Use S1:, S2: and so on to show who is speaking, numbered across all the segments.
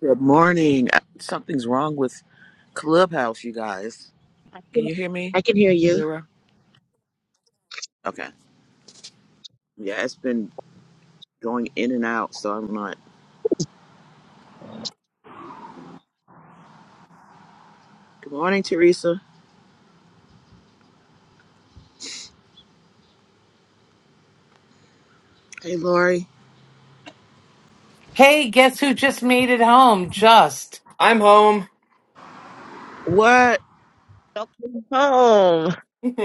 S1: Good morning. Uh, Something's wrong with Clubhouse, you guys.
S2: I
S1: Can
S2: can,
S1: you hear me,
S2: I can hear you.
S1: Lyra? Okay. Yeah, it's been going in and out, so I'm not. Good morning, Teresa. Hey, Lori.
S3: Hey, guess who just made it home? Just. I'm home.
S1: What?
S2: Welcome home.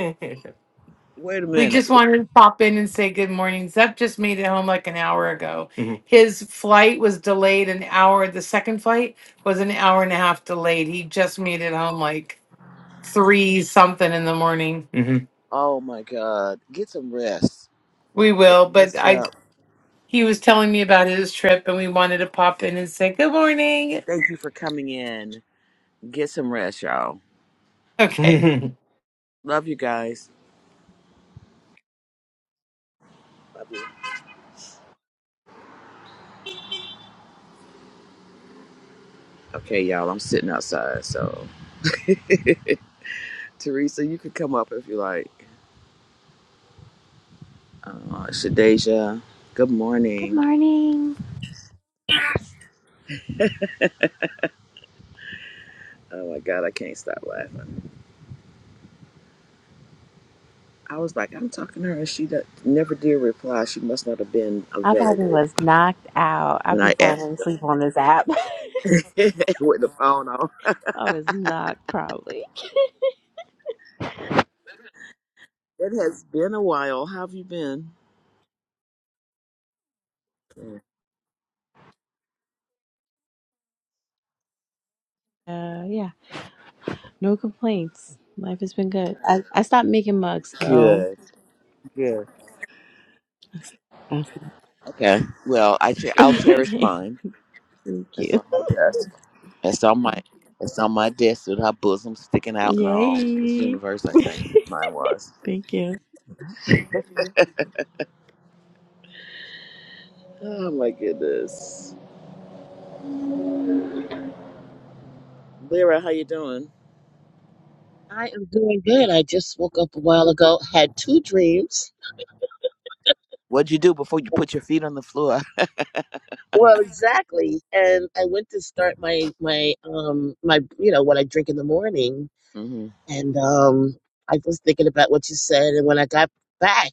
S1: Wait a
S3: We
S1: minute.
S3: just wanted to pop in and say good morning. Zep just made it home like an hour ago. Mhm. His flight was delayed an hour. The second flight was an hour and a half delayed. He just made it home like three something in the morning. Mhm.
S1: Oh my God. Get some rest.
S3: We will, but
S1: Rest
S3: I
S1: up.
S3: he was telling me about his trip and we wanted to pop in and say good morning.
S1: Thank you for coming in. Get some rest, y'all.
S3: Okay.
S1: Love you guys. Love you. Okay, y'all. I'm sitting outside, so Teresa, you could come up if you like. Uh, Shadeja. Good
S4: Good
S1: morning.
S4: morning.
S1: Oh my God, I can't stop laughing. I was like, I'm talking to her, and she do- never did reply. She must not have been
S4: I probably
S1: available
S4: was knocked out. i
S1: when
S4: be
S1: I asked
S4: falling asleep on this app.
S1: her with the phone on.
S4: I was knocked probably.
S1: It has been a while. How have you been?
S4: Uh, yeah, no complaints. Life has been good. I, I stopped making mugs though.
S1: Good, good.
S4: okay,
S1: Okay. Well, I che- I'll cherish
S4: thank
S1: mine. That's
S4: you.
S1: on my desk. That's on my that's on my desk with her bosom sticking out and all. Miss
S4: Yay.
S1: Universe, I think mine was.
S4: Thank you.
S1: Oh my goodness, Lyra, how you doing?
S2: I am doing good. I just woke up a while ago, had two dreams.
S1: What'd you do before you put your feet on the floor?
S2: Well, exactly. And I went to start my my um my you know what I drink in the morning, and um I was thinking about what you said, and when I got back, I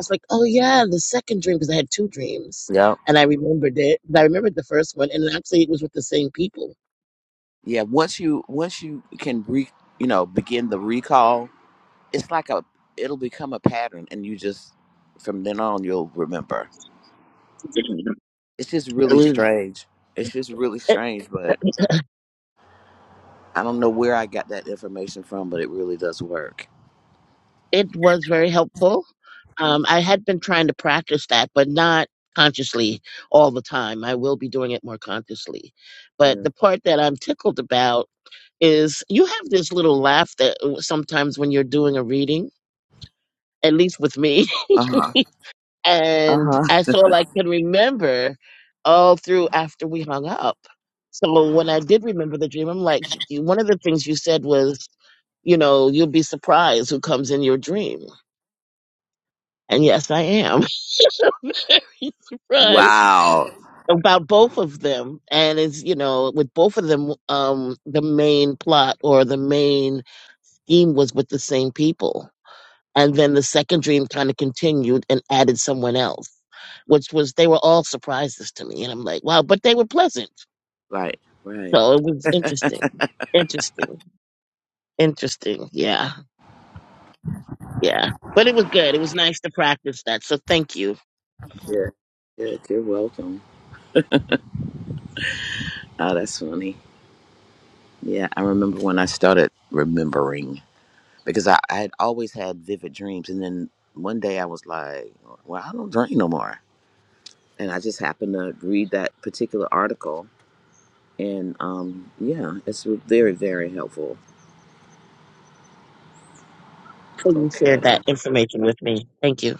S2: was like, oh yeah, the second dream because I had two dreams,
S1: Yeah,
S2: and I remembered it. But I remembered the first one, and actually it was with the same people.
S1: Yeah. Once you once you can re you know begin the recall, it's like a it'll become a pattern, and you just from then on you'll remember. It's just
S2: I
S1: really
S2: mean.
S1: strange. It's just really strange, but I don't know where I got that information from, but it really does work.
S2: It was very helpful.
S1: Mm,
S2: Um, I had been trying to practice that, but not consciously all the time. I will be doing it more consciously. But
S1: Yeah.
S2: the part that I'm tickled about is you have this little laugh that uh, sometimes when you're doing a reading, at least with me.
S1: Uh huh. Uh
S2: And
S1: huh.
S2: that's all I can remember all through after we hung up. So when I did remember the dream, I'm like, "Sh- you- one of the things you said was, you know, you'll be surprised who comes in your dream. And yes, I am. very surprised
S1: Wow.
S2: about both of them and it's you know with both of them um the main plot or the main theme was with the same people and then the second dream kind of continued and added someone else which was they were all surprises to me and i'm like wow but they were pleasant
S1: Right. Right.
S2: so it was interesting interesting interesting yeah yeah but it was good it was nice to practice that so thank you
S1: Yeah. Yeah. You're welcome. Oh, that's funny. Yeah, I remember when I started remembering. because I, I had always had vivid dreams. And then one day I was like, well, I don't dream no more. And I just happened to read that particular article. And um, yeah, it's very, very helpful.
S2: for you
S1: Okay,
S2: shared that information with me thank you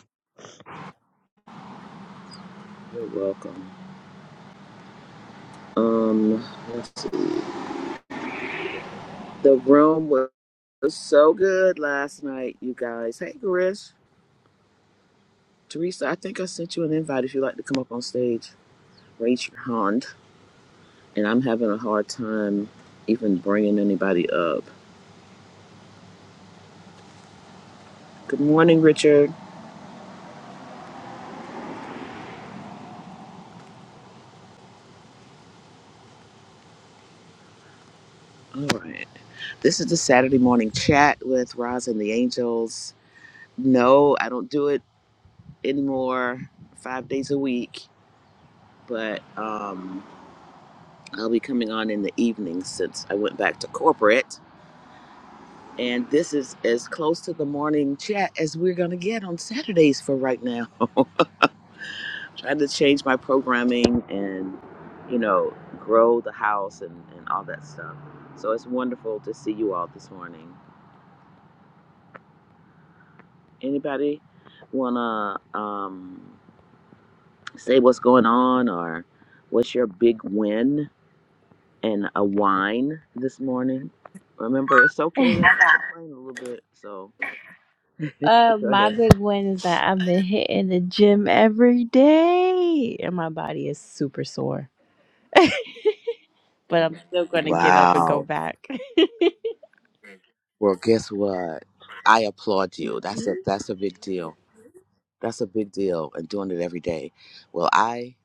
S1: you're welcome. Um, the room was so good last night, you guys. Hey, Garish. Teresa, I think I sent you an invite if you'd like to come up on stage. Raise your hand. And I'm having a hard time even bringing anybody up. Good morning, Richard. All right. This is the Saturday morning chat with Roz and the Angels. No, I don't do it anymore five days a week, but um, I'll be coming on in the evening since I went back to corporate. And this is as close to the morning chat as we're going to get on Saturdays for right now. Trying to change my programming and, you know, grow the house and, and all that stuff. So it's wonderful to see you all this morning. Anybody wanna um, say what's going on or what's your big win and a wine this morning? Remember, it's okay to complain a little bit. So
S4: Uh,
S1: go
S4: my
S1: ahead.
S4: big win is that I've been hitting the gym every day and my body is super sore, but I'm still going to get up and go
S1: Wow.
S4: back.
S1: Well, guess what? I applaud you. That's a that's a big deal. That's a big deal, and doing it every day. Well, I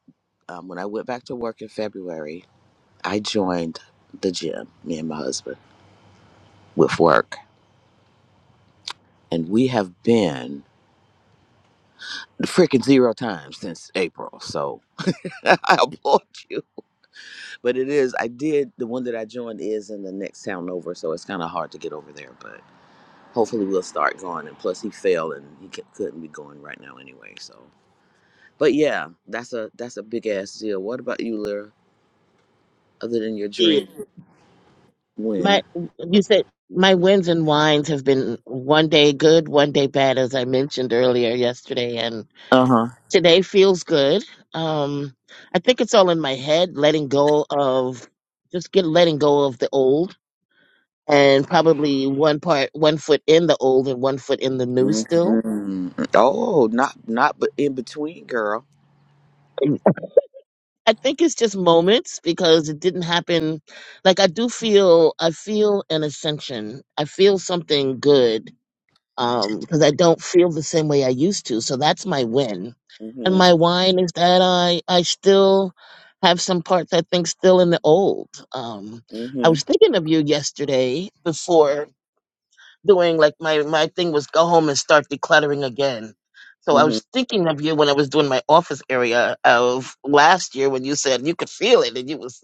S1: um, when I went back to work in February, I joined the gym. Me and my husband with work, and we have been. freaking zero times since April. So I applaud you. But it is, I did, the one that I joined is in the next town over. So it's kind of hard to get over there. But hopefully we'll start going. And plus he fell and he c- couldn't be going right now anyway. So, but yeah, that's a, that's a big ass deal. What about you, Lyra? Other than your dream
S2: My,
S1: win?
S2: you said my wins and wines have been one day good, one day bad, as I mentioned earlier yesterday, and
S1: Uh huh.
S2: today feels good. Um, I think it's all in my head, letting go of just get letting go of the old, and probably one part, one foot in the old and one foot in the new still.
S1: hmm Oh, not, not, but in between, girl.
S2: I think it's just moments because it didn't happen. Like I do feel, I feel an ascension. I feel something good um because i don't feel the same way i used to so that's my win
S1: Mm
S2: and
S1: hmm.
S2: my wine is that i i still have some parts i think still in the old um
S1: Mm
S2: i was
S1: hmm.
S2: thinking of you yesterday before doing like my my thing was go home and start decluttering again so i
S1: Mm hmm.
S2: was thinking of you when i was doing my office area of last year when you said you could feel it and you was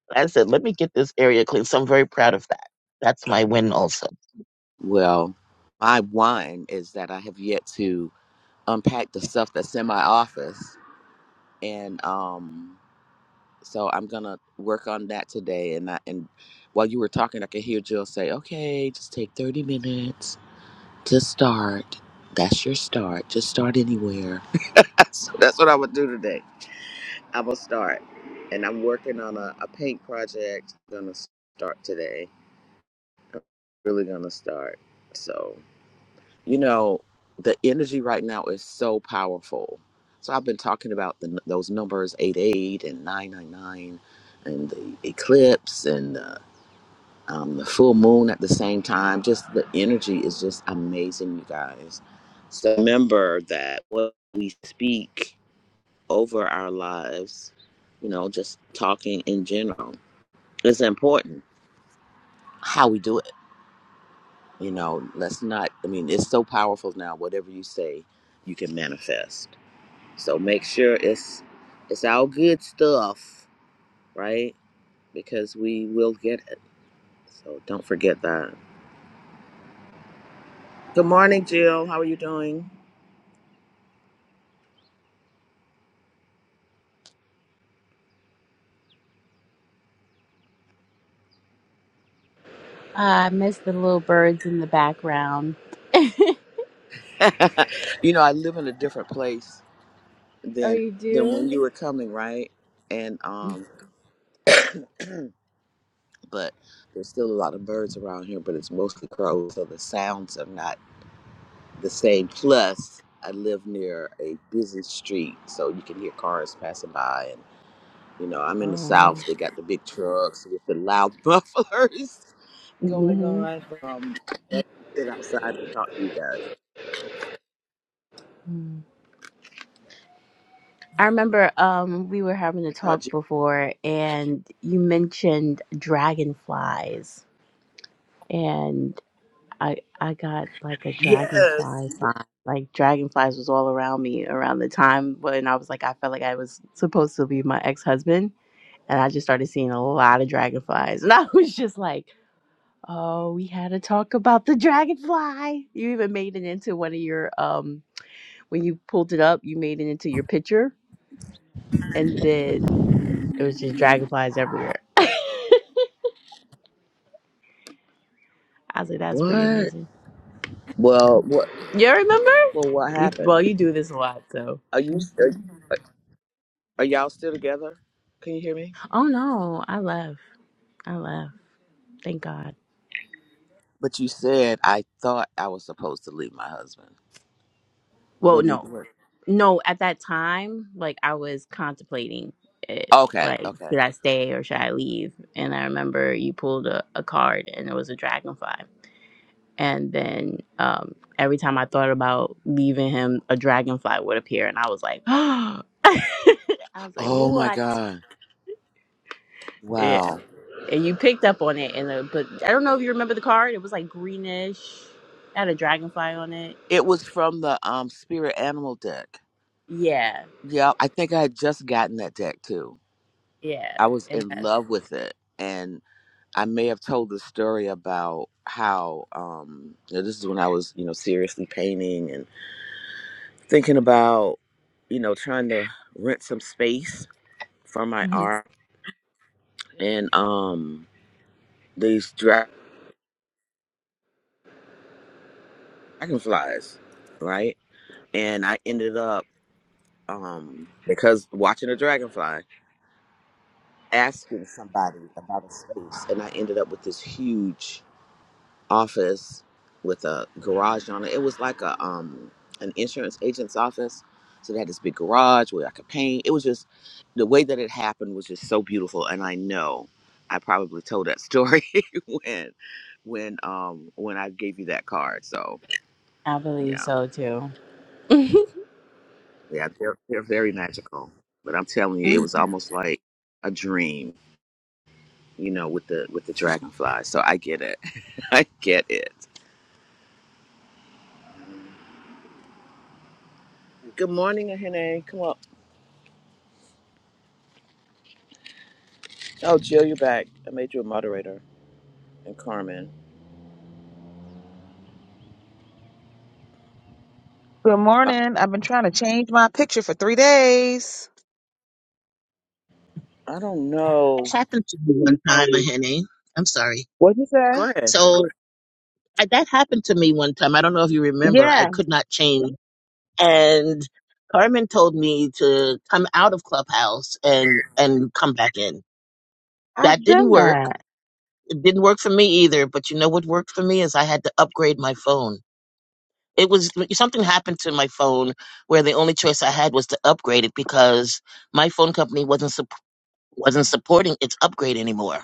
S2: i said let me get this area clean so i'm very proud of that that's my win also
S1: Well, my wine is that I have yet to. unpack the stuff that's in my office and um so i'm gonna work on that today and I, and while you were talking i could hear jill say okay just take 30 minutes to start that's your start just start anywhere so that's what i would do today i will start and i'm working on a, a paint project gonna start today i'm really gonna start so you know the energy right now is so powerful so i've been talking about the, those numbers eight eight and 999 and the eclipse and the, um, the full moon at the same time just the energy is just amazing you guys so remember that what we speak over our lives you know just talking in general is important how we do it you know let's not i mean it's so powerful now whatever you say you can manifest So make sure it's it's all good stuff, right? Because we will get it. So don't forget that. Good morning, Jill. How are you doing?
S4: Uh, I miss the little birds in the background.
S1: you know, I live in a different place
S4: Oh,
S1: than
S4: you
S1: than when
S4: do?
S1: you were coming, right? And um but there's still a lot of birds around here, but it's mostly crows, so the sounds are not the same. Plus, I live near a busy street, so you can hear cars passing by You know, I'm in the
S4: Oh.
S1: South. They got the big trucks with the loud mufflers going
S4: hmm
S1: on. Um, I sit outside and talk to you guys.
S4: I remember um, we were having a
S1: I thought
S4: talk
S1: you.
S4: before, and you mentioned dragonflies, and I I got like a
S1: Yes.
S4: dragonfly sign. Like dragonflies was all around me around the time when I was like I felt like I was supposed to be my ex husband, and I just started seeing a lot of dragonflies, and I was just like, oh, we had to talk about the dragonfly. You even made it into one of your um When you pulled it up, you made it into your picture, and then it was just dragonflies everywhere. I was like, that's pretty
S1: What?
S4: amazing.
S1: Well, what?
S4: You remember?
S1: Well, what
S4: You,
S1: happened?
S4: well, you do this a lot, so.
S1: Are you? Are, are y'all still together? Can you hear me?
S4: Oh no, I left. I left. Thank God.
S1: But you said I thought I was supposed to leave my husband.
S4: Well,
S1: What did?
S4: no,
S1: What?
S4: no. At that time, like I was contemplating it.
S1: Okay.
S4: Like,
S1: Okay.
S4: should I stay or should I leave? And I remember you pulled a, a card, and it was a dragonfly. and then um, every time I thought about leaving him, a dragonfly would appear, and I was like, I was like,
S1: Oh my
S4: what?
S1: God!
S4: Yeah,
S1: Wow.
S4: and you picked up on it, and the, but I don't know if you remember the card. It was like greenish, it had a dragonfly on it.
S1: It was from the um spirit animal deck.
S4: Yeah,
S1: Yeah, I think I had just gotten that deck too
S4: yeah,
S1: I was
S4: and
S1: in
S4: that's,
S1: love with it. And I may have told the story about how um, you know, this is when I was, you know, seriously painting and thinking about, you know, trying to rent some space for my
S4: Mhm.
S1: art and um, these dra- dragonflies, right? And I ended up um, because watching a dragonfly, asking somebody about a space, and I ended up with this huge office with a garage on it. It was like a um an insurance agent's office. So they had this big garage where I could paint. It was just the way that it happened was just so beautiful. And I know I probably told that story when when um when I gave you that card. So
S4: I believe
S1: yeah.
S4: so too.
S1: Yeah, they're they're very magical. But I'm telling you, it was almost like a dream, you know, with the with the dragonfly. So I get it. I get it. Good morning, Ahene. Come on. Oh, Jill, you're back. I made you a moderator and Carmen.
S5: Good
S1: I,
S5: morning. I've been trying to change my picture for three days.
S1: I don't
S2: it
S1: know.
S2: happened to me one time honey i'm sorry
S5: What'd you
S1: Go
S5: say?
S1: ahead.
S2: So I, that happened to me one time. I don't know if you remember. I
S5: Yeah,
S2: could not change, and Carmen told me to come out of Clubhouse and and come back in. That
S5: I've
S2: didn't
S5: done
S2: work.
S5: that.
S2: It didn't work for me either. But you know what worked for me is I had to upgrade my phone. It was something happened to my phone where the only choice I had was to upgrade it because my phone company wasn't sup- wasn't supporting its upgrade anymore,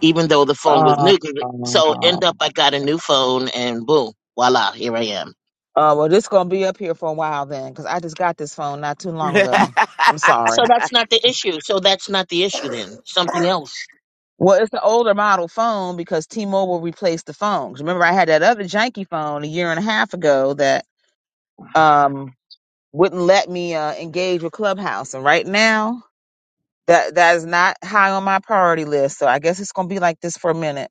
S2: even though the phone was
S5: Uh,
S2: new. So end up
S5: uh,
S2: I
S5: uh,
S2: got a new phone and boom, voila, here I am.
S5: well, this gonna be up here for a while then, because I just got this phone not too long ago. I'm
S2: So
S5: sorry.
S2: that's not the issue. So that's not the issue then. Something else.
S5: Well, it's an older model phone because T-Mobile replaced the phones. Remember, I had that other janky phone a year and a half ago that um wouldn't let me uh, engage with Clubhouse, and right now that that is not high on my priority list. So I guess it's gonna be like this for a minute.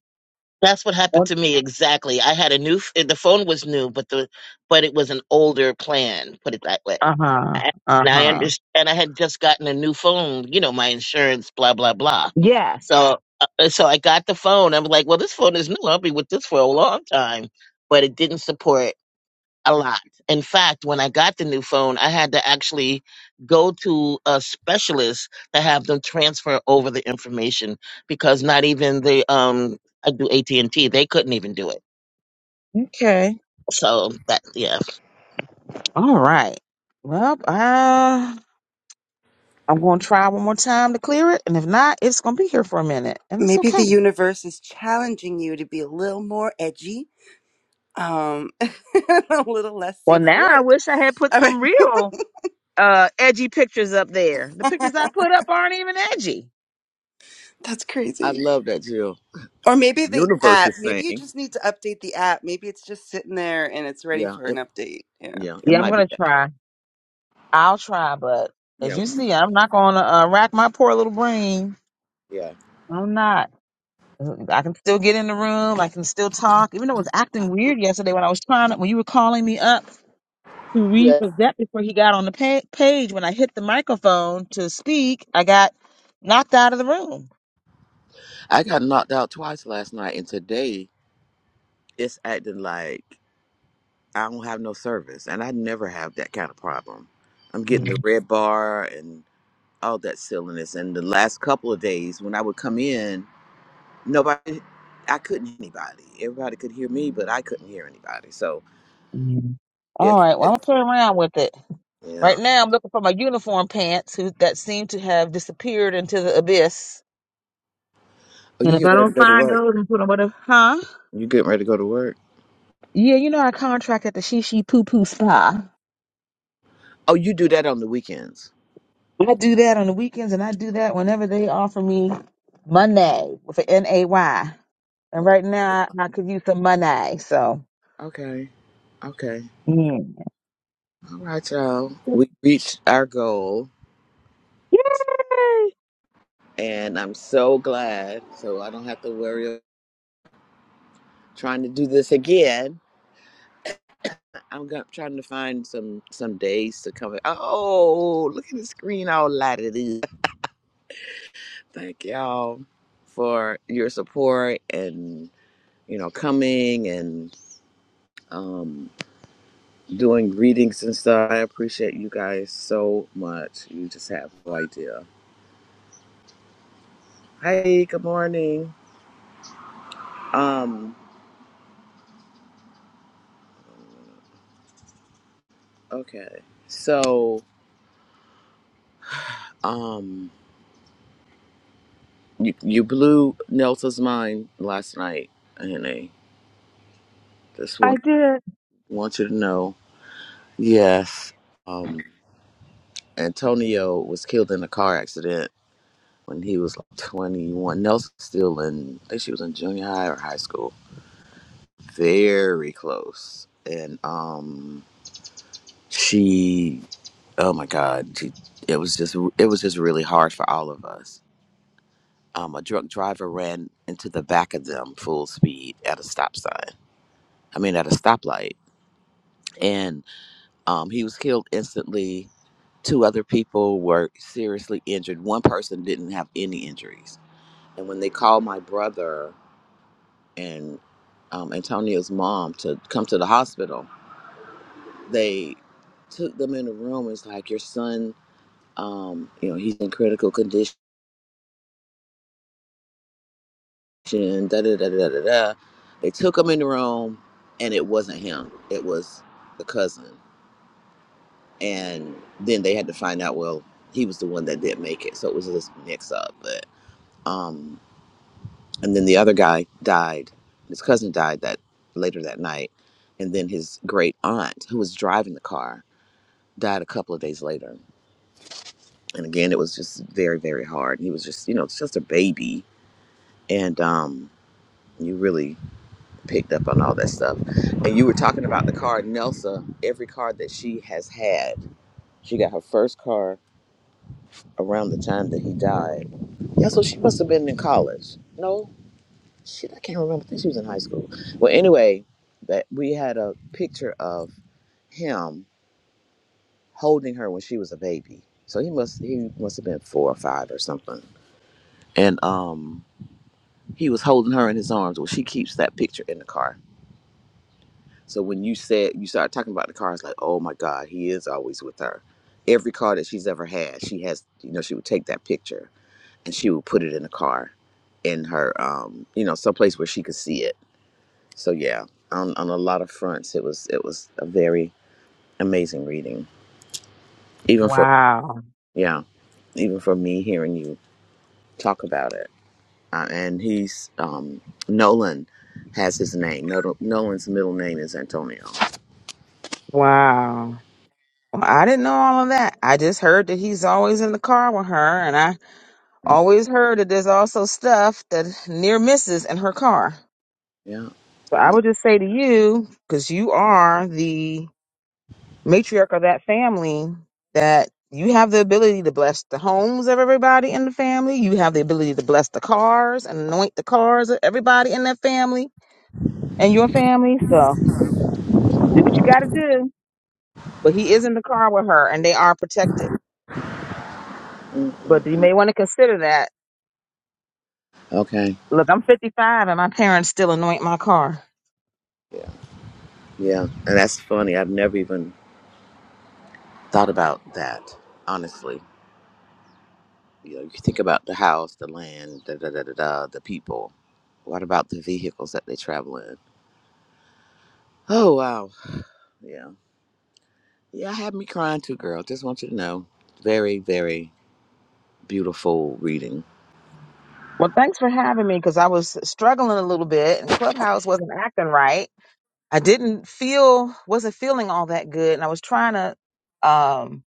S2: That's what happened to me exactly. I had a new f- the phone was new, but the but it was an older plan, put it that way.
S5: Uh huh.
S2: And
S5: Uh
S2: I
S5: huh.
S2: understand and I had just gotten a new phone, you know, my insurance blah blah blah.
S5: Yes.
S2: So uh, so I got the phone. I'm like, well, this phone is new. I'll be with this for a long time, but it didn't support a lot. In fact, when I got the new phone, I had to actually go to a specialist to have them transfer over the information because not even the um I do AT and T, they couldn't even do it.
S5: Okay.
S2: So that yeah, It's
S5: All right. Well, uh, I'm going to try one more time to clear it. And if not, it's going to be here for a minute. And it's
S6: maybe
S5: okay.
S6: the universe is challenging you to be a little more edgy um a little less
S5: Well,
S6: safe for
S5: now I
S6: work
S5: wish I had put
S6: I
S5: some real uh edgy pictures up there. The
S6: mean,
S5: pictures I put up aren't even edgy.
S6: that's
S1: I
S6: crazy
S1: love that, Jill.
S6: or maybe the
S1: Universe
S6: app
S1: is
S6: maybe you
S1: saying.
S6: just need to update the app maybe it's just sitting there and it's ready
S1: Yeah,
S6: for an
S1: it,
S6: update yeah
S1: yeah, it
S5: Yeah, I'm
S1: might be
S5: going to
S1: that.
S5: try. I'll try. But as
S1: Yeah,
S5: you see, I'm not going to uh, rack my poor little brain.
S1: yeah,
S5: I'm not. I can still get in the room. I can still talk, even though it was acting weird yesterday when I was trying to, when you were calling me up. to read
S1: yeah.
S5: for that before he got on the pa- page. When I hit the microphone to speak, I got knocked out of the room.
S1: I got knocked out twice last night, and today it's acting like I don't have no service, and I never have that kind of problem. I'm getting the red bar and all that silliness. And the last couple of days, when I would come in, nobody i couldn't hear anybody everybody could hear me but i couldn't hear anybody so
S5: Mhm.
S1: it,
S5: All right, well, I'm
S1: it
S5: gonna play around with it.
S1: yeah
S5: Right now, I'm looking for my uniform pants who, that seem to have disappeared into the abyss.
S1: oh
S5: And
S1: you
S5: if
S1: get
S5: I
S1: ready to
S5: don't
S1: go to
S5: find
S1: work
S5: those, I'm putting whatever, huh?
S1: you getting ready to go to work
S5: Yeah, you know, I contract at the Shishi Poo Poo Spa.
S1: oh you do that on the weekends
S5: I do that on the weekends and I do that whenever they offer me money with an N A Y. And
S1: O-
S5: right now, I could use some money. So,
S1: okay okay all right y'all
S5: Yay!
S1: we reached our goal and i'm so glad so i don't have to worry of trying to do this again i'm go- trying to find some some days to come oh look at the screen all lighted up thank y'all for your support and you know, coming and um, doing readings and stuff. I appreciate you guys so much. You just have no idea. Hey, good morning. Um, okay, so um, you you blew Nelsa's mind last night, and I just
S5: I
S1: want
S5: did.
S1: want you to know. Yes, um, Antonio was killed in a car accident when he was like 21. Nelson still in, I think she was in junior high or high school very close and um she oh my god she, it was just it was just really hard for all of us um a drunk driver ran into the back of them full speed at a stop sign i mean at a stoplight and um he was killed instantly two other people were seriously injured one person didn't have any injuries and when they called my brother and um, antonio's mom to come to the hospital they took them in the room. It's like your son, um, you know, he's in critical condition. Da da da da da da. They took him in the room, and it wasn't him. It was the cousin. And then they had to find out. Well, he was the one that didn't make it, so it was this mix up. But um, and then the other guy died. His cousin died that later that night, and then his great aunt, who was driving the car, died a couple of days later. and again it was just very very hard he was just you know just a baby and um you really picked up on all that stuff and you were talking about the car nelsa every car that she has had she got her first car around the time that he died yeah so she must have been in college no shit i can't remember i think she was in high school well anyway that we had a picture of him holding her when she was a baby so he must he must have been four or five or something and um He was holding her in his arms. Well, she keeps that picture in the car. So when you said you started talking about the car, it's like, oh my God, he is always with her. Every car that she's ever had, she has, you know, she would take that picture and she would put it in the car, in her, um, you know, someplace where she could see it. So yeah, on on a lot of fronts, it was it was a very amazing reading, even for
S5: Wow.
S1: yeah, even for me hearing you talk about it. Uh, and he's um, Nolan has his name. Nol- Nolan's middle name is Antonio.
S5: Wow. Well, I didn't know all of that. I just heard that he's always in the car with her, and I always heard that there's also stuff that near misses in her car.
S1: Yeah.
S5: So I would just say to you, because you are the matriarch of that family, that you have the ability to bless the homes of everybody in the family. You have the ability to bless the cars and anoint the cars of everybody in that family and your family. So do what you got to do. but he is in the car with her and they are protected. But you
S1: Mm-mm-mm.
S5: may want to consider that.
S1: Okay.
S5: Look, I'm 55 and my parents still anoint my car.
S1: Yeah. Yeah. And that's funny. I've never even thought about that, honestly. You know, you think about the house, the land, da da da da da, the people. What about the vehicles that they travel in? Oh, wow. Yeah. Yeah, I had me crying too, girl. Just want you to know. Very, very beautiful reading.
S5: Well, thanks for having me because I was struggling a little bit and Clubhouse wasn't acting right. I didn't feel, wasn't feeling all that good and I was trying to um,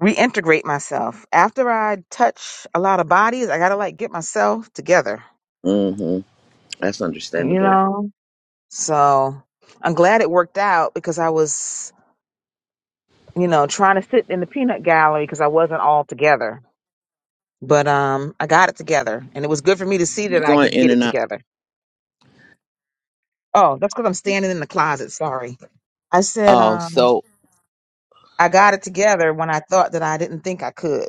S5: reintegrate myself. After I touch a lot of bodies, I got to like get myself together,
S1: Mm-hmm. That's
S5: you
S1: understandable.
S5: know? So I'm glad it worked out because I was you know, trying to sit in the peanut gallery because I wasn't all together. But um, I got it together, and it was good for me to see that
S1: You're
S5: I
S1: going
S5: could
S1: in
S5: get it
S1: and out.
S5: together. Oh, that's because I'm standing in the closet. Sorry. I said
S1: Oh,
S5: um,
S1: so,
S5: I got it together when I thought that I didn't think I could,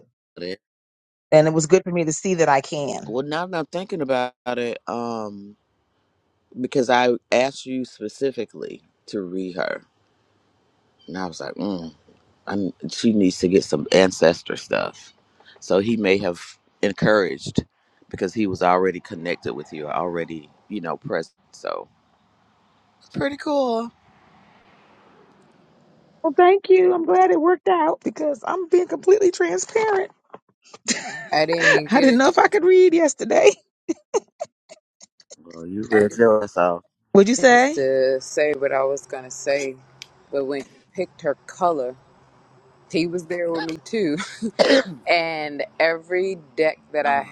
S5: and it was good for me to see that I can.
S1: well, now that I'm thinking about it, um, because I asked you specifically to read her, and I was like, mm, I'm, she needs to get some ancestor stuff. So he may have encouraged because he was already connected with you, already, you know, present. So pretty cool.
S5: Well, thank you. I'm glad it worked out because I'm being completely transparent. I didn't know if I could read yesterday.
S1: Well, you read your ass
S5: Would you say?
S1: Uh-huh.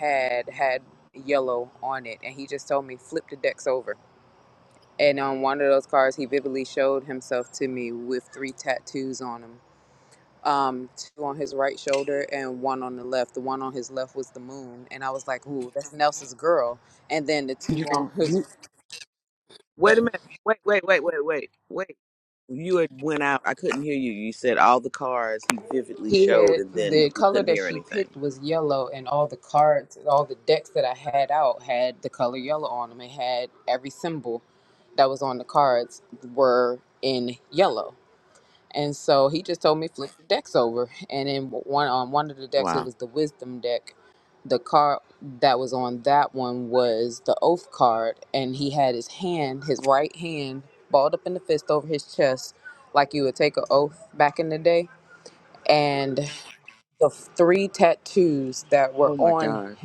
S1: You don't. You, wait a minute. Wait, wait, wait, wait, wait, wait. You had went out. I couldn't hear you. You said all the cars he vividly showed, and then we couldn't hear anything. Wow. Oh my god.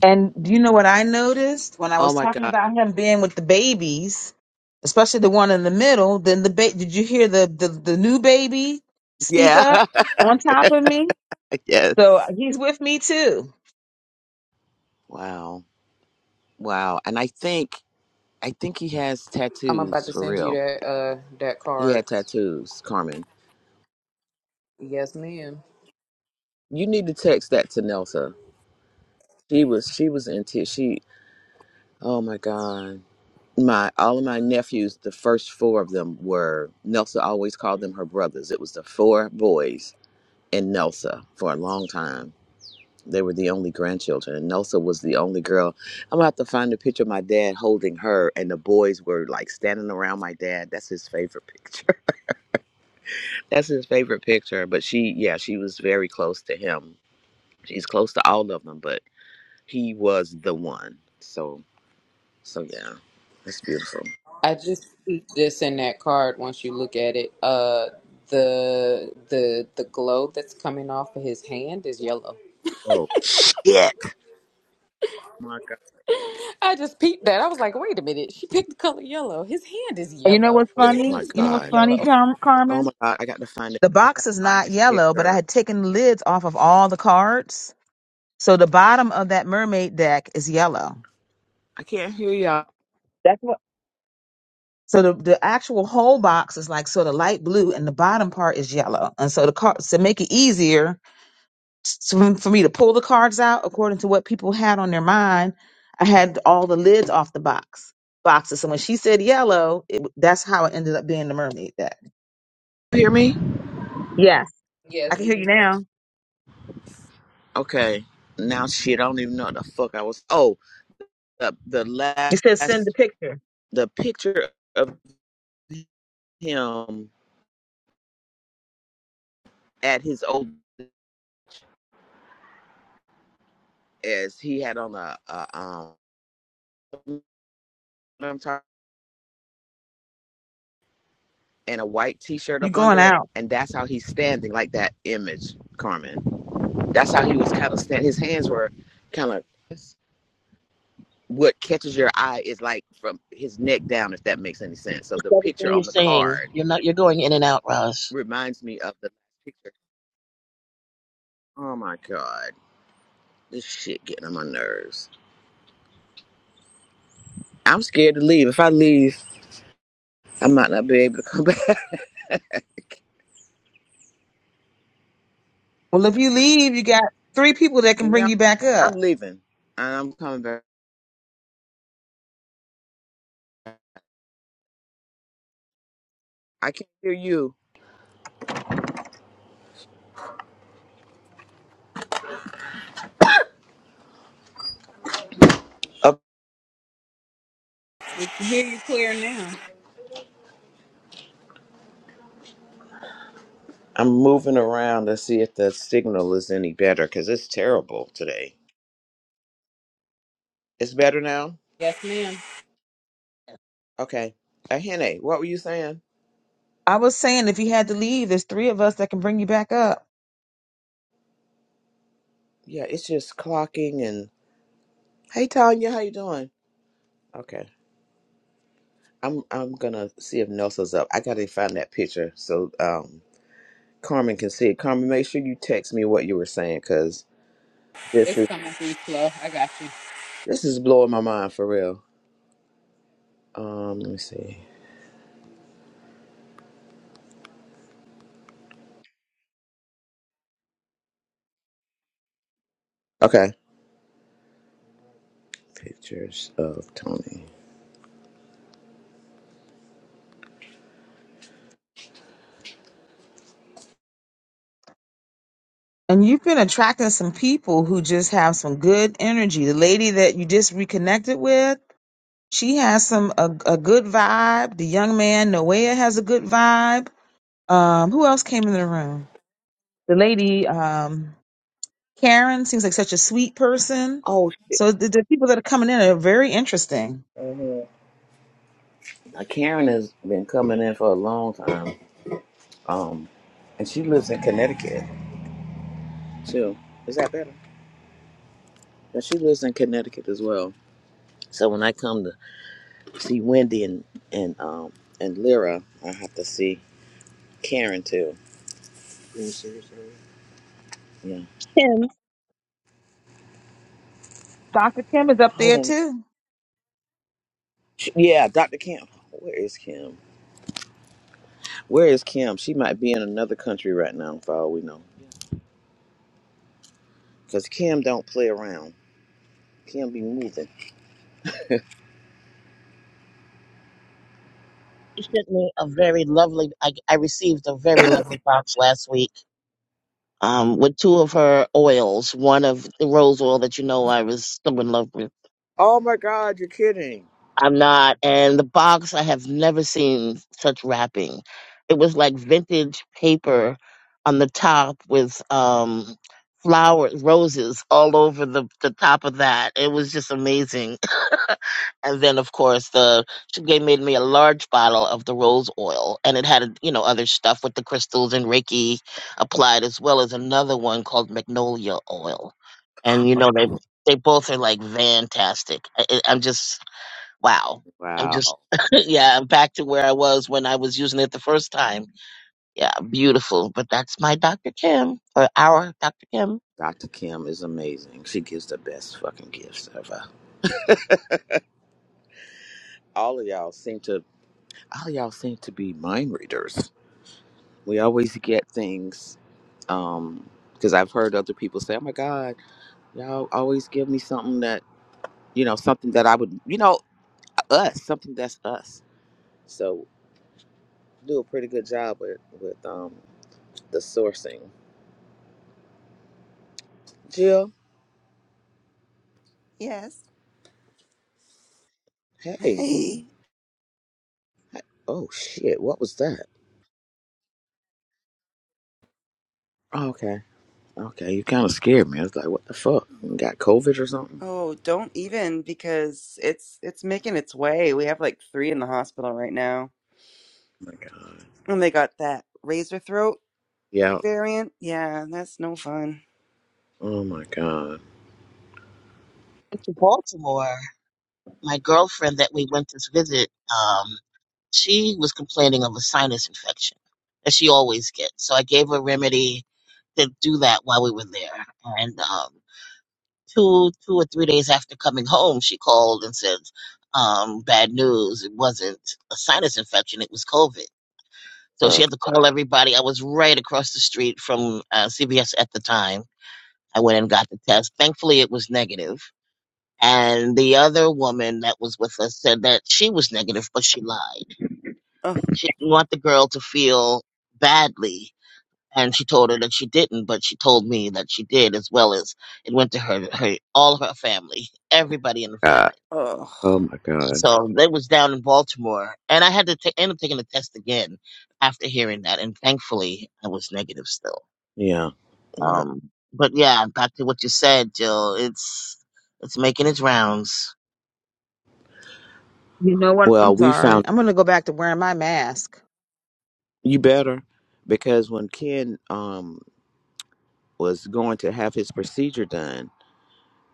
S5: And do you know what I noticed when I
S1: Oh
S5: was
S1: my god.
S5: talking about him being with the babies, especially the one in the middle? Then the ba- did you hear the, the the new baby speak
S1: Yeah.
S5: up on top of me? So
S1: yes.
S5: he's with me too.
S1: Wow. Wow. And I think I think he has tattoos for real. He had tattoos, Carmen. You need to text that to Nelsa. She was she was into she oh my God. My all of my nephews, the first four of them were Nelsa always called them her brothers. It was the four boys and Nelsa for a long time They were the only grandchildren. And Nosa was the only girl. I'm gonna have to find a picture of my dad holding her, and the boys were like standing around my dad. That's his favorite picture. That's his favorite picture. But she, yeah, she was very close to him. She's close to all of them, but he was the one. So, so yeah, that's beautiful. Oh yeah. my god!
S5: And you know what's
S1: Oh
S5: funny?
S1: my
S5: You know what's
S1: god!
S5: funny, Car-
S1: Oh
S5: Carmen?
S1: my god! I got to find it.
S5: The
S1: I got to
S5: box is
S1: find
S5: not
S1: his
S5: yellow, but I
S1: picture.
S5: had taken the lids off of all the cards. So the bottom of that mermaid deck is yellow.
S1: I can't hear y'all.
S5: That's what. So the, the actual whole box is like sort of light blue and the bottom part is yellow. And so the cards to make it easier s- for me to pull the cards out according to what people had on their mind, I had all the lids off the box boxes. So when she said yellow, it, that's how it ended up being the mermaid deck.
S1: You Hear me?
S5: Yes. I can hear you now.
S1: Okay. Now shit. I don't even know what the fuck I was. Oh. the the
S5: It says send the
S1: last
S5: picture.
S1: the picture of him at his old as he had on a, a um and a white t-shirt
S5: You're
S1: up
S5: going
S1: under it
S5: out.
S1: and that's how he's standing like that image carmen that's how he was kind of standing his hands were kind of what catches your eye is like from his neck down if that makes any sense so the picture
S2: everything you're
S1: on the
S2: saying,
S1: card
S2: you're not you're going in and out, Roz.
S1: reminds me of the picture oh my god this shit getting on my nerves i'm scared to leave if i leave I might not be able to come back.
S5: Well, if you leave, you got three people that can
S1: Can
S5: bring
S1: y'all?
S5: you back
S1: I'm
S5: up.
S1: leaving and I'm coming back. I can't hear you. Up, I'm moving around to see if the signal is any better because it's terrible today. It's better now? Okay. Ahene, what were you saying?
S5: I was saying if you had to leave, there's three of us that can bring you back up.
S1: Yeah, it's just clocking and hey Tanya, how you doing? Okay. I'm I'm gonna see if Nelson's up. I gotta find that picture so um Carmen can see it. Carmen, make sure you text me what you were saying because this is this is blowing my mind for real. Um, let me see. Okay. Pictures of Tony.
S5: And you've been attracting some people who just have some good energy. The lady that you just reconnected with. She has some a, a good vibe. The young man Noah has a good vibe. Um, who else came in the room? The lady um, Karen seems like such a sweet person.
S1: Oh shit.
S5: So the, the people that are coming in are very interesting.
S1: Now, Karen has been coming in for a long time. Um and she lives in Connecticut too. Is that better? Yeah, she lives in Connecticut as well. So when I come to see Wendy and and um and Lyra, I have to see Karen too. Yeah, seriously. Yeah.
S5: Dr. Kim is up
S1: Hold
S5: there
S1: on.
S5: too.
S1: She- Yeah, Dr. Kim. Where is Kim? Where is Kim? She might be in another country right now, for all we know. Cause Kim don't play around. Kim be moving.
S2: You sent me a very lovely. I, I received a very lovely box last week. Um, with two of her oils, one of the rose oil that you know I was so in love with
S1: Oh my God, you're kidding.
S2: I'm not. And the box, I have never seen such wrapping. It was like vintage paper on the top with um flowers, roses all over the, the top of that. It was just amazing. And then of course the she gave made me a large bottle of the rose oil and it had you know other stuff with the crystals and Reiki applied as well as another one called magnolia oil. And you know they they both are like fantastic. I, I- I'm just wow. I'm just,
S1: Wow.
S2: yeah, I'm back to where I was when I was using it the first time. Yeah, beautiful. But that's my Dr. Kim, or our Dr. Kim.
S1: Dr. Kim is amazing. She gives the best fucking gifts ever. All of y'all seem to all of y'all seem to be mind readers. We always get things um because I've heard other people say, "Oh my god, y'all always give me something that, you know, something that I would, you know, us, something that's us." So, do a pretty good job with with um the sourcing. Jill,
S6: yes
S1: hey.
S6: hey
S1: Hey. Oh shit, what was that? Okay, you kind of scared me. I was like, what the fuck? You Got COVID or something? Oh
S6: oh don't even because it's it's making its way we have like three in the hospital right now
S1: my god.
S6: and they got that razor throat
S1: Yeah.
S6: variant yeah that's no fun
S1: Oh my god.
S2: Went To Baltimore, my girlfriend that we went to visit, um, she was complaining of a sinus infection that she always gets. So I gave her remedy to do that while we were there. And um, two, two or three days after coming home, she called and said, um, "Bad news! It wasn't a sinus infection; it was COVID." So
S1: Oh
S6: Ugh.
S2: she had to call everybody. I was right across the street from uh, CBS at the time. I went and got the test. Thankfully, it was negative. And the other woman that was with us said that she was negative, but she lied.
S6: Ugh.
S2: She didn't want the girl to feel badly. And she told her that she didn't, but she told me that she did, as well as it went to her, her all her family, everybody in the family.
S1: god. Oh
S6: Ugh.
S1: my god.
S2: So that was down in Baltimore. And I had to ta- end up taking the test again after hearing that. And thankfully, I was negative still.
S1: Yeah. Yeah.
S2: Um, but yeah, back to what you said, Jill. It's it's making its rounds
S5: You know what?
S1: Well,
S5: I'm
S1: we
S5: sorry.
S1: found
S5: I'm going to go back to wearing my mask.
S1: you better because when Ken um was going to have his procedure done,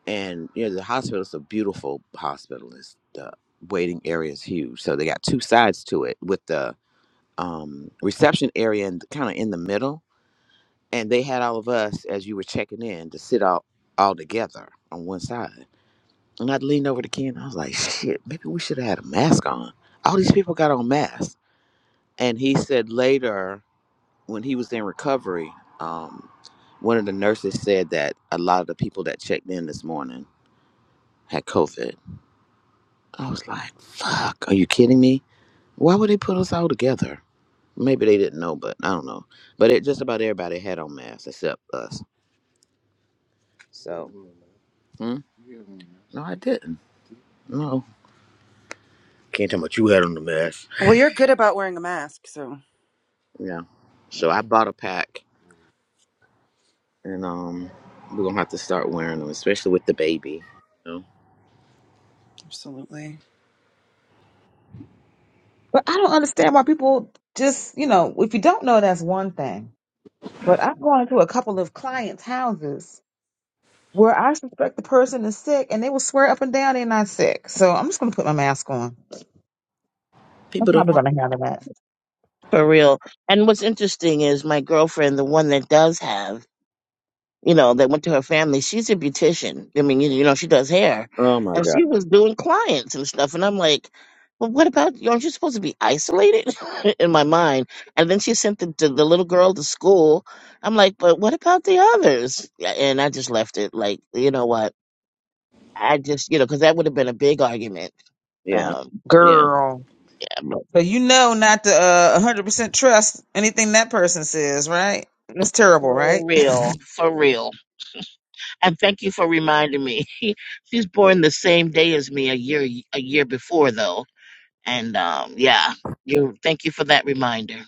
S1: and you know the hospital's a beautiful hospital. It's the waiting area is huge, so they got two sides to it with the um reception area and kind of in the middle and they had all of us as you were checking in to sit all all together on one side. And I leaned over to Ken. I was like, "Shit, maybe we should have had a mask on. All these people got on masks." And he said later, when he was in recovery, um, one of the nurses said that a lot of the people that checked in this morning had COVID. I was like, "Fuck, are you kidding me? Why would they put us all together?" Maybe they didn't know, but I don't know. But it just about everybody had on masks except us. So, hmm? no, I didn't. No, can't tell what you had on the mask.
S6: Well, you're good about wearing a mask, so
S1: Yeah.
S6: yeah,
S1: So I bought a pack, and um, we're gonna have to start wearing them, especially with the baby. You know,
S6: absolutely.
S5: But I don't understand why people just, you know, if you don't know, that's one thing. But I've gone into a couple of clients' houses where I suspect the person is sick and they will swear up and down they're not sick. So I'm just going to put my mask on. I'm
S1: people don't
S5: probably
S1: want.
S5: going to handle that.
S2: for real. And what's interesting is my girlfriend, the one that does have, you know, that went to her family. She's a beautician. I mean, you, you know, she does hair,
S1: Oh my
S2: and
S1: god.
S2: she was doing clients and stuff. And I'm like, well, what about you? Aren't you supposed to be isolated? in my mind. And then she sent the, the the little girl to school. I'm like, but what about the others? Yeah, And I just left it. Like, you know what? I just, you know, because that would have been a big argument
S1: Yeah.
S2: Um,
S1: Yeah.
S5: Girl.
S2: like,
S5: But you know not to uh, 100% trust anything that person says, right? That's terrible, right?
S2: for real, for real. And thank you for reminding me. She's born the same day as me, a year a year before though. And um, yeah, you. Thank you for that reminder.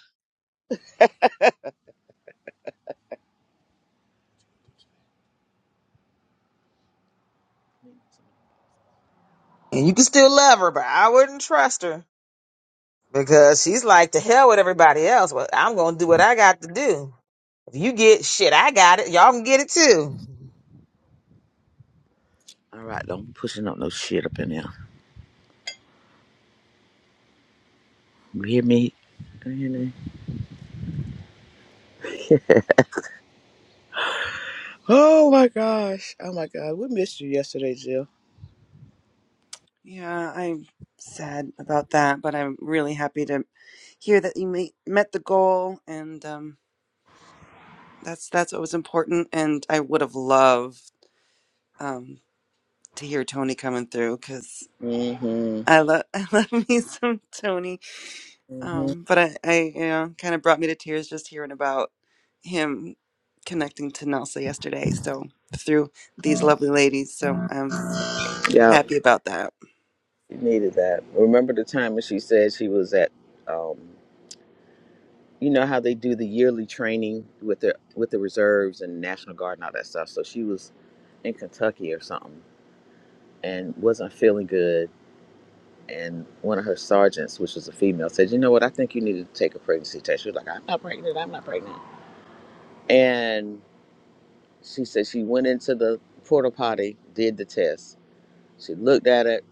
S5: and you can still love her, but I wouldn't trust her because she's like, to hell with everybody else. Well, I'm going to do what I got to do. If you get shit, I got it. Y'all can get it too.
S1: All right, don't be pushing up no shit up in there. You hear me? You hear me? Oh my gosh. Oh my god. We missed you yesterday, Jill.
S6: Yeah, I'm sad about that, but I'm really happy to hear that you ma- met the goal, and um, that's that's what was important. And I would have loved um, to hear Tony coming through because
S1: Mm-hmm.
S6: I love I love me some Tony.
S1: Mm-hmm.
S6: Um, but I, I you know kind of brought me to tears just hearing about him connecting to Nelsa yesterday. So through these lovely ladies, so I'm
S1: Yeah.
S6: happy about that.
S1: She needed that. Remember the time when she said she was at um you know how they do the yearly training with the with the reserves and National Guard and all that stuff. So she was in Kentucky or something and wasn't feeling good. And one of her sergeants, which was a female, said, "You know what? I think you need to take a pregnancy test." She was like, "I'm not pregnant. I'm not pregnant." And she said she went into the porta potty, did the test. She looked at it,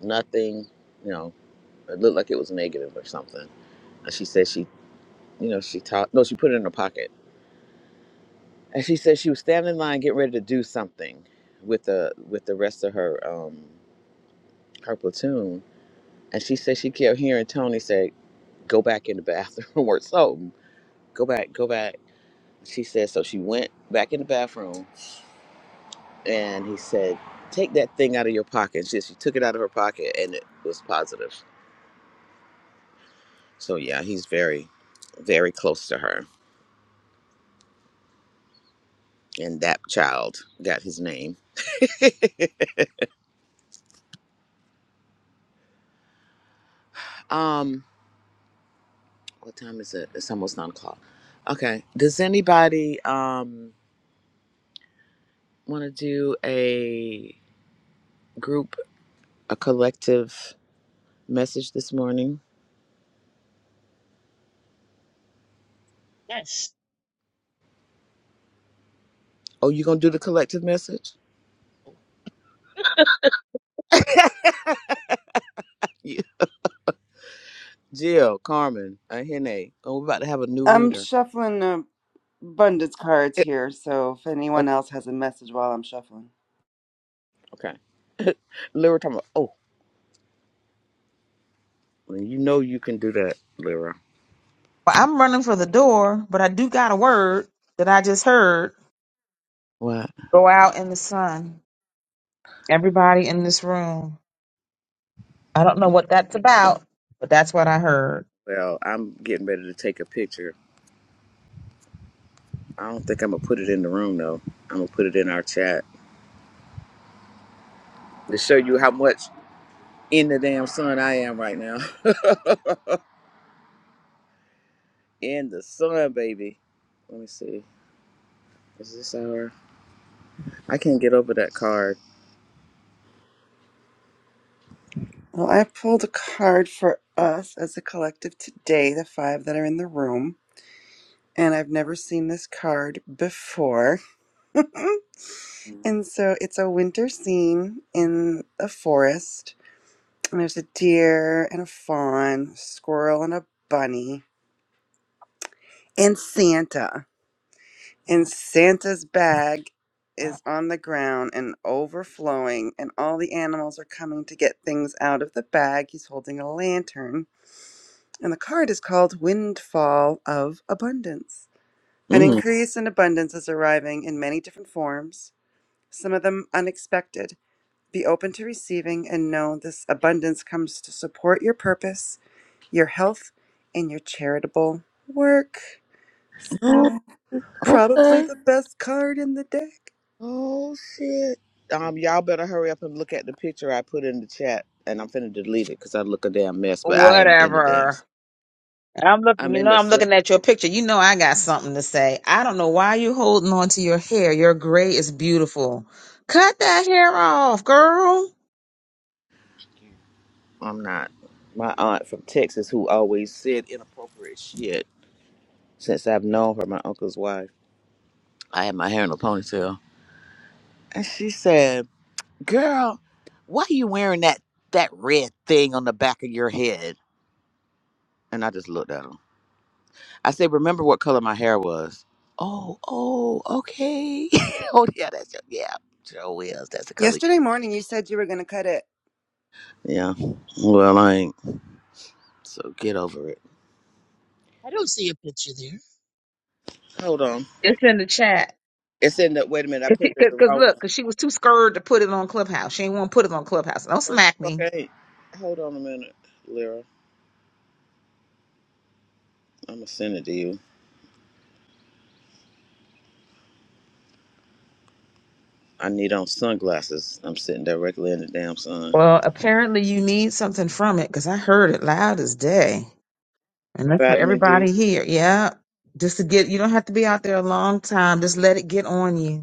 S1: nothing. You know, it looked like it was negative or something. And she said she, you know, she taught. No, she put it in her pocket And she said she was standing in line getting ready to do something with the with the rest of her um her platoon. And she said she kept hearing Tony say, Go back in the bathroom or something. Go back, go back. She said so she went back in the bathroom and he said, Take that thing out of your pocket. And she, she took it out of her pocket and it was positive. So yeah, he's very, very close to her. And that child got his name. um What time is it? It's almost nine o'clock. Okay. Does anybody um want to do a group, a collective message this morning?
S2: Yes,
S1: Oh, you gonna do the collective message? Yeah. Jill, Carmen, Ahene. Oh, we're about to have a new
S6: I'm
S1: reader.
S6: shuffling a abundance cards
S1: Eh,
S6: here, so if
S1: Okay.
S6: anyone else has a message while I'm shuffling.
S1: okay. Lyra talking about, oh, well, you know you can do that, Lyra.
S5: Well, I'm running for the door, but I do got a word that I just heard.
S1: What?
S5: Go out in the sun. Everybody in this room. I don't know what that's about, but that's what I heard.
S1: Well, I'm getting ready to take a picture. I don't think I'm gonna put it in the room though. I'm gonna put it in our chat to show you how much in the damn sun I am right now. In the sun, baby. Let me see. Is this our? I can't get over that card.
S6: Well, I pulled a card for us as a collective today, the five that are in the room, and I've never seen this card before. And so it's a winter scene in a forest, and there's a deer and a fawn, squirrel and a bunny, and Santa. And Santa's bag is on the ground and overflowing, and all the animals are coming to get things out of the bag. He's holding a lantern. And the card is called Windfall of Abundance. An
S1: Mm.
S6: increase in abundance is arriving in many different forms, some of them unexpected. Be open to receiving and know this abundance comes to support your purpose, your health, and your charitable work.
S1: Oh,
S6: So, probably
S1: okay.
S6: the best card in the deck.
S1: Oh shit. Um, y'all better hurry up and look at the picture I put in the chat, and I'm finna delete it because I look a damn mess. But I am in the damn.
S5: Whatever.
S1: Sun.
S5: I'm looking,
S1: I'm
S5: you
S1: in
S5: know,
S1: the
S5: I'm
S1: sun.
S5: looking at your picture. You know, I got something to say. I don't know why you holding on to your hair. Your gray is beautiful. Cut that hair off, girl.
S1: I'm not. My aunt from Texas, who always said inappropriate shit since I've known her, my uncle's wife. I had my hair in a ponytail, and she said. girl, why you wearing that that red thing on the back of your head? And I just looked at him. I said, remember what color my hair was? Oh, oh, okay. oh yeah, that's your, yeah, Joe is. That's the color.
S6: Yesterday morning, you said you were going to cut it.
S1: Yeah. Well, I ain't. So get over it.
S2: I don't see a picture there. You
S1: Hold on.
S5: It's in the chat.
S1: It's in the. Wait a minute. I
S5: Cause,
S1: put
S5: she-
S1: it as
S5: cause,
S1: the
S5: 'cause
S1: wrong
S5: look, cause
S1: one.
S5: she was too scared to put it on Clubhouse. She ain't want to put it on Clubhouse. Don't smack me.
S1: Okay. Hold on a minute, Lyra. I'm gonna send it to you. I need on sunglasses. I'm sitting directly in the damn sun.
S5: Well, apparently you need something from it, cause I heard it loud as day, and that's for
S1: Vitamin D.
S5: everybody here. Yeah, just to get. You don't have to be out there a long time. Just let it get on you.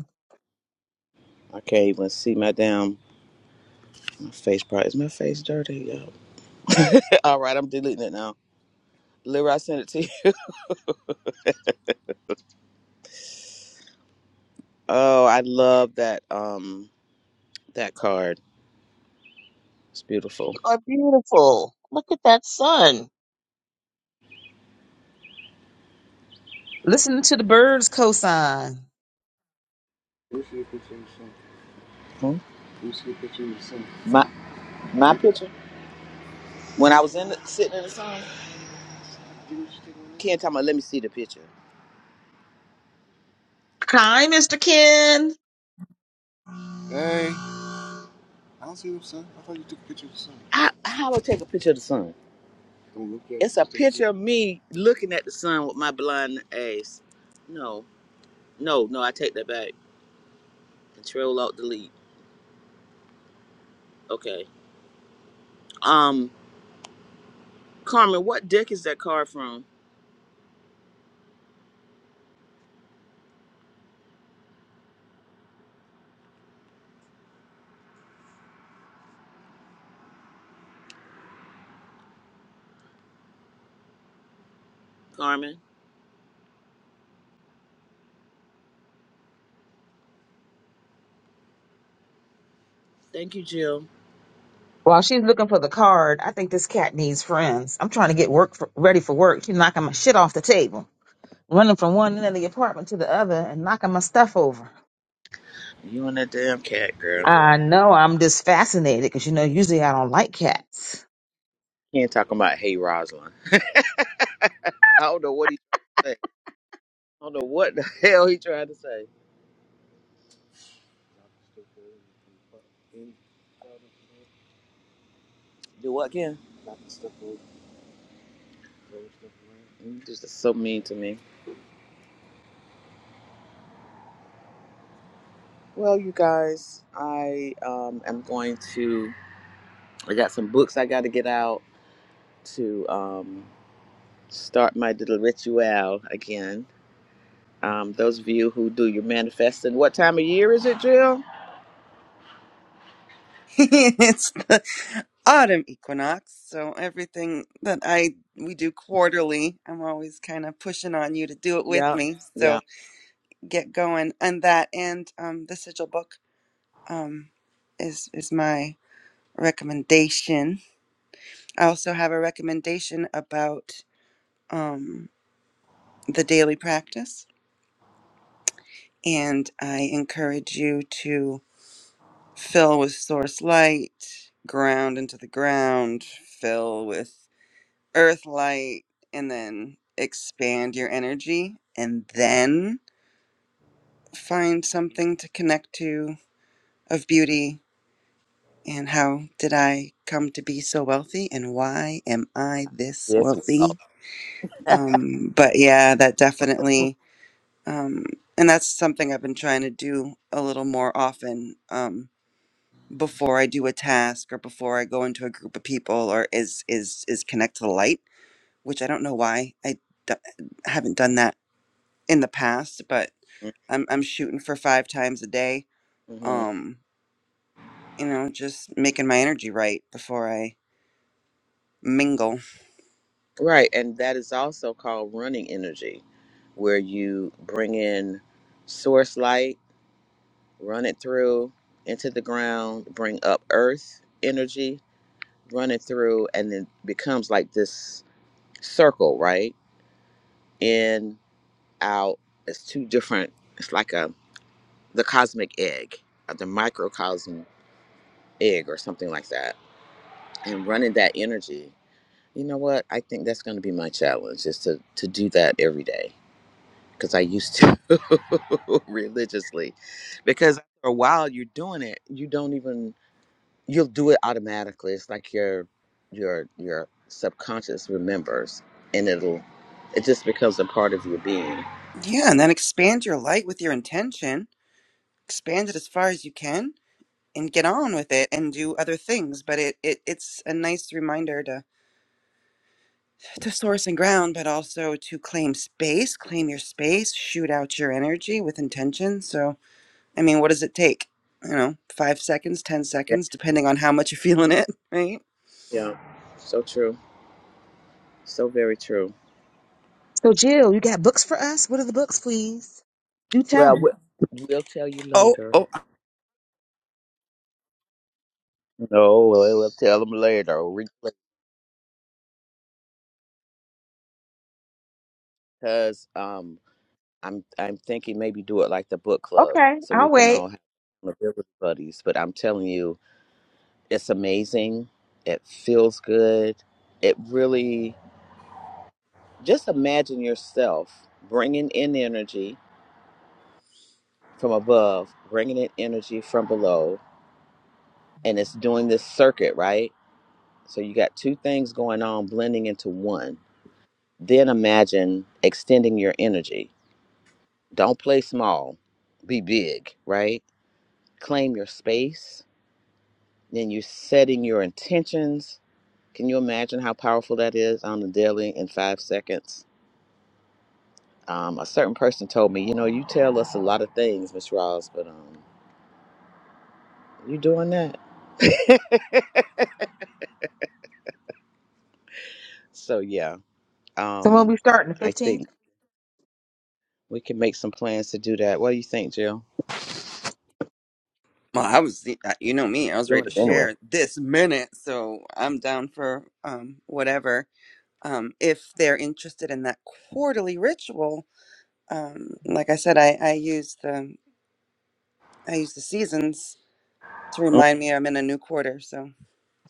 S1: I can't even see my damn Face part. Is my face dirty? Yo. All right, I'm deleting it now. Lyra, I sent it to you. Oh, I love that um that card. It's beautiful.
S2: are beautiful. Look at that sun.
S5: Listening to the birds cosign.
S1: Hmm? My my picture. When I was in the, sitting in the sun, Ken told me, "Let me see the picture."
S5: Hi, Mr. Ken.
S1: I, how I take a picture of the sun? It's a picture of me looking at the sun with my blind eyes. No, no, no. I take that back. Control Alt Delete. Okay. Um, Carmen, what deck is that card from? Carmen, thank you, Jill.
S5: While she's looking for the card, I think this cat needs friends. I'm trying to get work for, ready for work. She's knocking my shit off the table, running from one end of the apartment to the other, and knocking my stuff over.
S1: You and that damn cat, girl.
S5: I know I'm just fascinated because you know usually I don't like cats.
S1: He ain't talking about hey Rosalind. I don't know what he trying to say. I don't know what the hell he trying to say. Do what again? You just are so mean to me. Well, you guys, I um, am going to. I got some books I got to get out to um, start my little ritual again. Um, those of you who do your manifesting, what time of year is it, Jill?
S6: it's the autumn equinox, so everything that I we do quarterly, I'm always kind of pushing on you to do it with
S1: Yeah,
S6: me.
S1: yeah.
S6: So get going on that, and um, the sigil book um, is is my recommendation. I also have a recommendation about um, the daily practice, and I encourage you to fill with source light, ground into the ground, fill with earth light, and then expand your energy, and then find something to connect to of beauty. And how did I come to be so wealthy? And why am I this
S1: Yes, well.
S6: wealthy? Um, but yeah, that definitely. um, and that's something I've been trying to do a little more often um, before I do a task or before I go into a group of people or is is is connect to the light, which I don't know why I d- haven't done that in the past, but I'm I'm shooting for five times a day.
S1: Mhm.
S6: Um, you know, just making my energy right before I mingle.
S1: Right, and that is also called running energy, where you bring in source light, run it through into the ground, bring up earth energy, run it through, and then becomes like this circle, right? In, out. It's two different. It's like a the cosmic egg, uh, the microcosm egg, or something like that. And running that energy, you know what? I think that's going to be my challenge, is to to do that every day because I used to religiously. Because after a while, you're doing it. You don't even you'll do it automatically. It's like your your your subconscious remembers, and it'll it just becomes a part of your being.
S6: Yeah, and then expand your light with your intention. Expand it as far as you can and get on with it and do other things but it, it it's a nice reminder to to source and ground but also to claim space claim your space shoot out your energy with intention so i mean what does it take you know five seconds ten
S1: Yeah,
S6: seconds depending on how much you're feeling it right
S1: yeah, so true, so very true.
S5: So Jill, you got books for us? What are the books, please? Do
S1: Well,
S5: tell.
S1: we- we'll tell you
S6: oh
S1: later.
S6: oh
S1: No, we'll we'll tell them later because um. I'm I'm thinking maybe do it like the book club
S5: Okay,
S1: so we
S5: I'll
S1: can
S5: wait.
S1: all have mobility buddies. But I'm telling you, it's amazing. It feels good. It really just imagine yourself bringing in energy from above, bringing in energy from below, and it's doing this circuit, right? So you got two things going on blending into one. Then imagine extending your energy. Don't play small. Be big, right? Claim your space Then you're setting your intentions. Can you imagine how powerful that is on the daily in five seconds? Um, a certain person told me, you know, you tell us a lot of things, Miss Ross, but um, you doing that? so yeah,
S5: So we'll be
S1: um,
S5: starting the
S1: I
S5: 15th.
S1: think we can make some plans to do that. What do you think, Jill?
S6: well i was you know me i was ready
S1: Doing
S6: to
S1: it anyway.
S6: share this minute so i'm down for um whatever um if they're interested in that quarterly ritual um, like I said, I, I use the I use the seasons to
S1: Mm.
S6: remind me I'm in a new quarter. So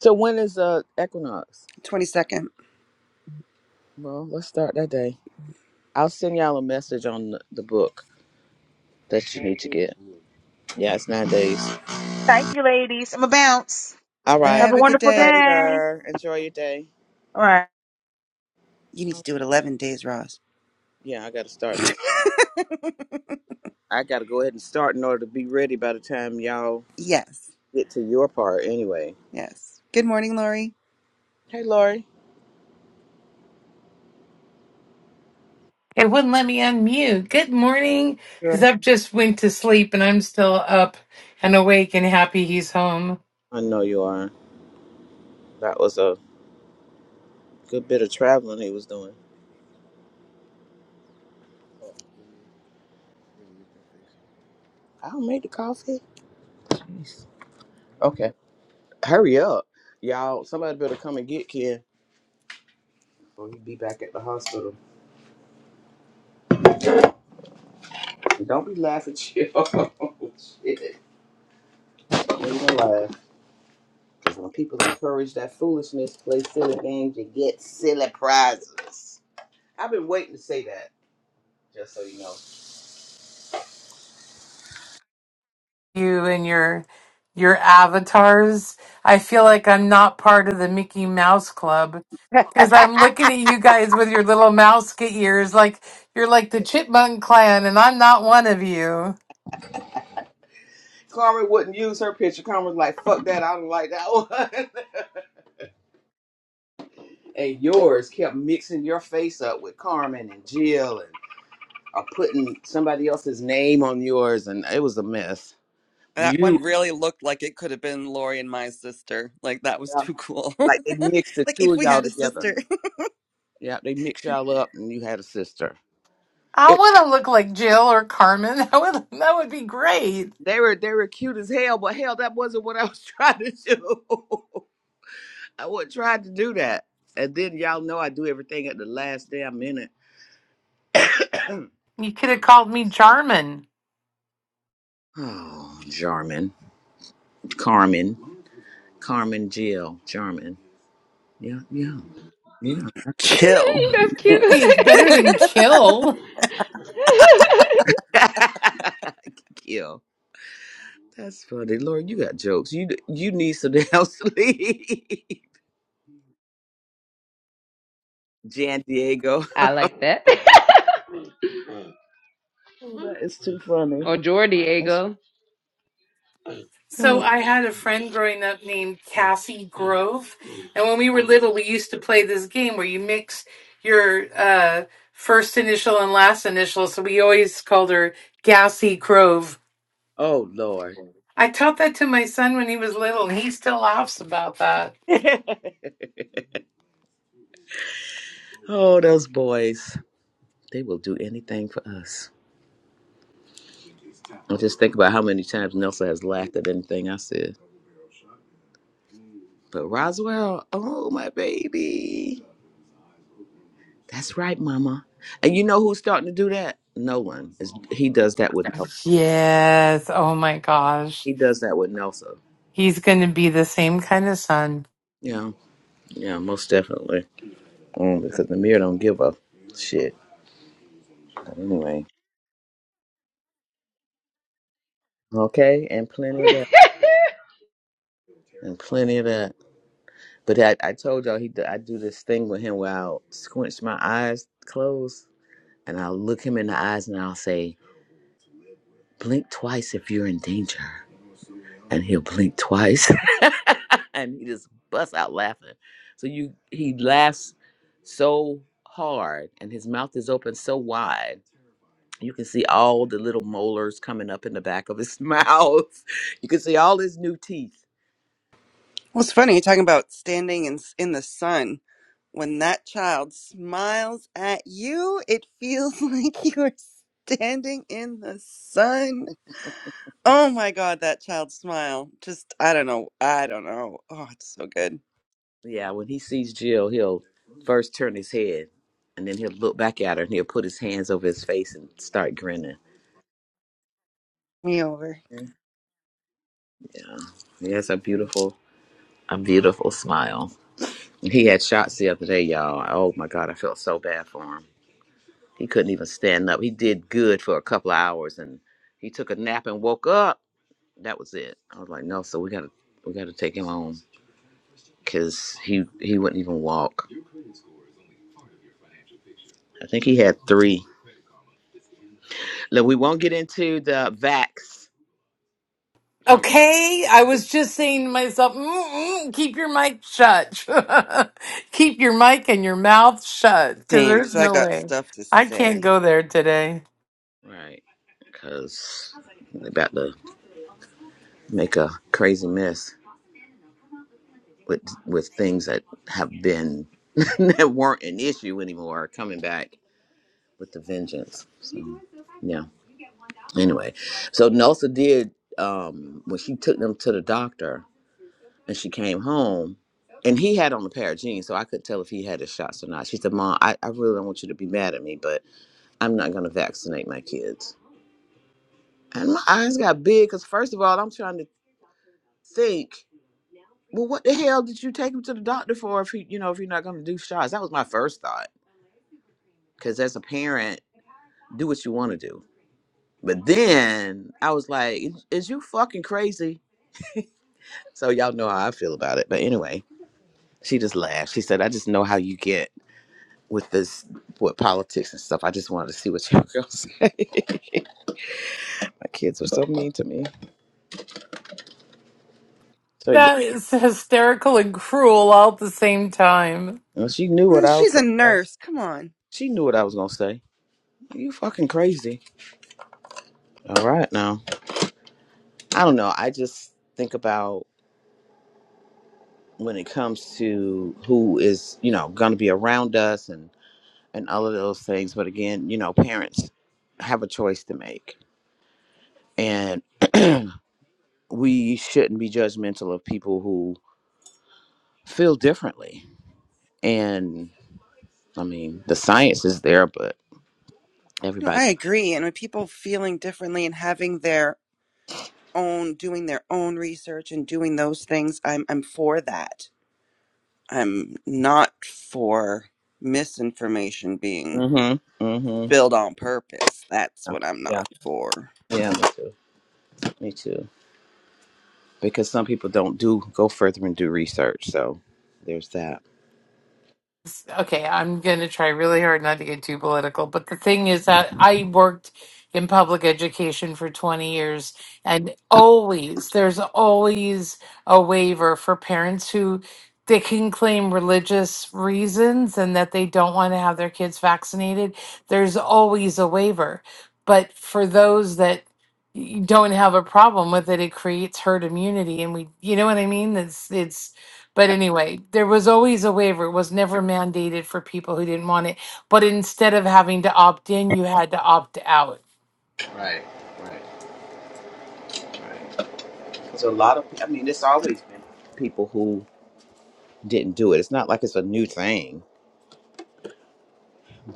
S1: So when is uh equinox?
S6: 22nd.
S1: Well, let's start that day. I'll send y'all a message on the the book that you need to get. Yeah, it's nine days.
S5: Thank you, ladies. I'm a bounce.
S1: All
S6: All right,
S1: right.
S5: Have
S6: have
S5: a
S6: a good
S5: wonderful
S6: day.
S5: day.
S1: Later. Enjoy your day.
S5: All right.
S6: You need to do it 11 days, Roz.
S1: Yeah, I got to start now. I got to go ahead and start in order to be ready by the time y'all
S6: yes,
S1: get to your part anyway.
S6: yes. Good morning, Lori.
S1: Hey, Lori.
S3: It wouldn't let me unmute. Good morning.
S1: Yeah.
S3: Zeb just went to sleep and I'm still up and awake and happy he's home.
S1: I know you are. That was a good bit of traveling he was doing. I'll make the coffee. Jeez. Okay. Hurry up. Y'all, somebody better come and get Ken or he'll be back at the hospital. And don't be laughing, chill. Shit. Don't even laugh. Because when people encourage that foolishness, play silly games, you get silly prizes. I've been waiting to say that. Just so you know.
S3: You and your your avatars. I feel like I'm not part of the Mickey Mouse Club because I'm looking at you guys with your little mouse ears like you're like the chipmunk clan and I'm not one of you.
S1: Carmen wouldn't use her picture. Carmen was like, fuck that, I don't like that one. and yours kept mixing your face up with Carmen and Jill and or putting somebody else's name on yours and it was a mess.
S6: That
S1: You
S6: one really looked like it could have been Lori and my sister. Like that was
S1: yeah,
S6: too cool.
S1: like they mixed the
S6: Like
S1: two
S6: if
S1: of
S6: we
S1: y'all
S6: had a
S1: together.
S6: sister.
S1: Yeah, they mixed y'all up and you had a sister.
S3: I
S1: It
S3: want to look like Jill or Carmen. That would that would be great.
S1: they were they were cute as hell, but hell that wasn't what I was trying to do. I wasn't trying to do that. And then y'all know I do everything at the last damn minute.
S3: You could have called me
S1: so.
S3: Charmin.
S1: Oh, Jarman, Carmen, Carmen Jill, Jarman. Yeah, yeah, yeah. absolutely.
S6: Chill.
S7: That's cute.
S3: Hey, it's better than kill.
S1: Kill. That's funny, Lord. You got jokes. You you need something else to leave. Jan Diego.
S7: I like that.
S1: Oh, that is
S7: or
S1: that's.
S7: Jordiego,
S3: So
S1: Oh,
S3: I had a friend growing up named Cassie Grove, and when we were little, we used to play this game where you mix your uh, first initial and last initial. So we always called her Gassy Grove.
S1: oh Lord.
S3: I taught that to my son when he was little, and he still laughs about that.
S1: oh, those boys. They will do anything for us. I just think about how many times Nelson has laughed at anything I said. But Roswell, oh my baby. That's right, Mama. And you know who's starting to do that? No one. Is he does that with Nelson.
S3: Yes. Oh my gosh,
S1: He does that with Nelson.
S3: he's going to be the same kind of son.
S1: Yeah, yeah, most definitely. Mm, because the mirror don't give a shit. Anyway, okay, and plenty of that, and plenty of that. But I, I told y'all he, d- I do this thing with him where I'll squinch my eyes closed, and I'll look him in the eyes, and I'll say, "Blink twice if you're in danger," and he'll blink twice. and he just busts out laughing. So you he laughs so hard and his mouth is open so wide. You can see all the little molars coming up in the back of his mouth. You can see all his new teeth.
S6: Well, it's funny you're talking about standing in in the sun. When that child smiles at you, it feels like you are standing in the sun. Oh my god, that child's smile. Just I don't know. I don't know. Oh, it's so good.
S1: Yeah, when he sees Jill, he'll first turn his head and then he'll look back at her and he'll put his hands over his face and start grinning.
S6: Me over.
S1: Yeah. He has a beautiful, a beautiful smile. He had shots the other day, y'all. Oh my God, I felt so bad for him He couldn't even stand up. He did good for a couple of hours, and he took a nap and woke up. That was it. I was like, no, so we gotta we gotta take him home because he he wouldn't even walk. I think he had three. Look, we won't get into the vax. conversation,
S3: Okay, I was just saying to myself, Mm-mm, keep your mic shut. keep your mic and your mouth shut because
S6: Same,
S3: there's
S6: because I
S3: no
S6: got
S3: way.
S6: stuff to
S3: I can't
S6: say.
S3: go there today.
S1: right, because they're about to make a crazy mess with with things that have been that weren't an issue anymore are coming back with the vengeance. So, yeah. anyway so Nelsa did um when she took them to the doctor and she came home and he had on a pair of jeans so i couldn't tell if he had his shots or not she said mom i, I really don't want you to be mad at me but i'm not going to vaccinate my kids and my eyes got big because first of all i'm trying to think well what the hell did you take him to the doctor for if he you know if you're not going to do shots that was my first thought because as a parent do what you want to do but then i was like is is you fucking crazy So y'all know how I feel about it. But anyway, she just laughed. She said, I just know how you get with this with politics and stuff. I just wanted to see what y'all girls say. My kids were so mean to me. So yeah.
S3: That is hysterical and cruel all at the same time.
S1: And she knew what
S6: And
S1: I was
S6: she's a
S1: gonna say.
S6: nurse. Come on.
S1: She knew what I was gonna say. You fucking crazy. All right now. I don't know. I just think about when it comes to who is, you know, gonna be around us and and all of those things. But again, you know, parents have a choice to make. And we shouldn't be judgmental of people who feel differently. And I mean, the science is there, but
S6: No,
S1: everybody.
S6: I agree. And with people feeling differently and having their own, doing their own research and doing those things, I'm I'm for that. I'm not for misinformation being
S1: Mm-hmm. Mm-hmm.
S6: spilled on purpose. That's what I'm
S1: Yeah.
S6: not for.
S1: Yeah. Me too. Me too. Because some people don't do go further and do research. So there's that.
S3: okay, I'm going to try really hard not to get too political, but the thing is that I worked in public education for 20 years and always there's always a waiver for parents who they can claim religious reasons and that they don't want to have their kids vaccinated. There's always a waiver. But for those that y- don't have a problem with it, it creates herd immunity and we you know what I mean? It's it's but anyway, there was always a waiver. It was never mandated for people who didn't want it. But instead of having to opt in, you had to opt out.
S1: Right, right, right. Because a lot of, I mean, it's always been people who didn't do it. It's not like it's a new thing,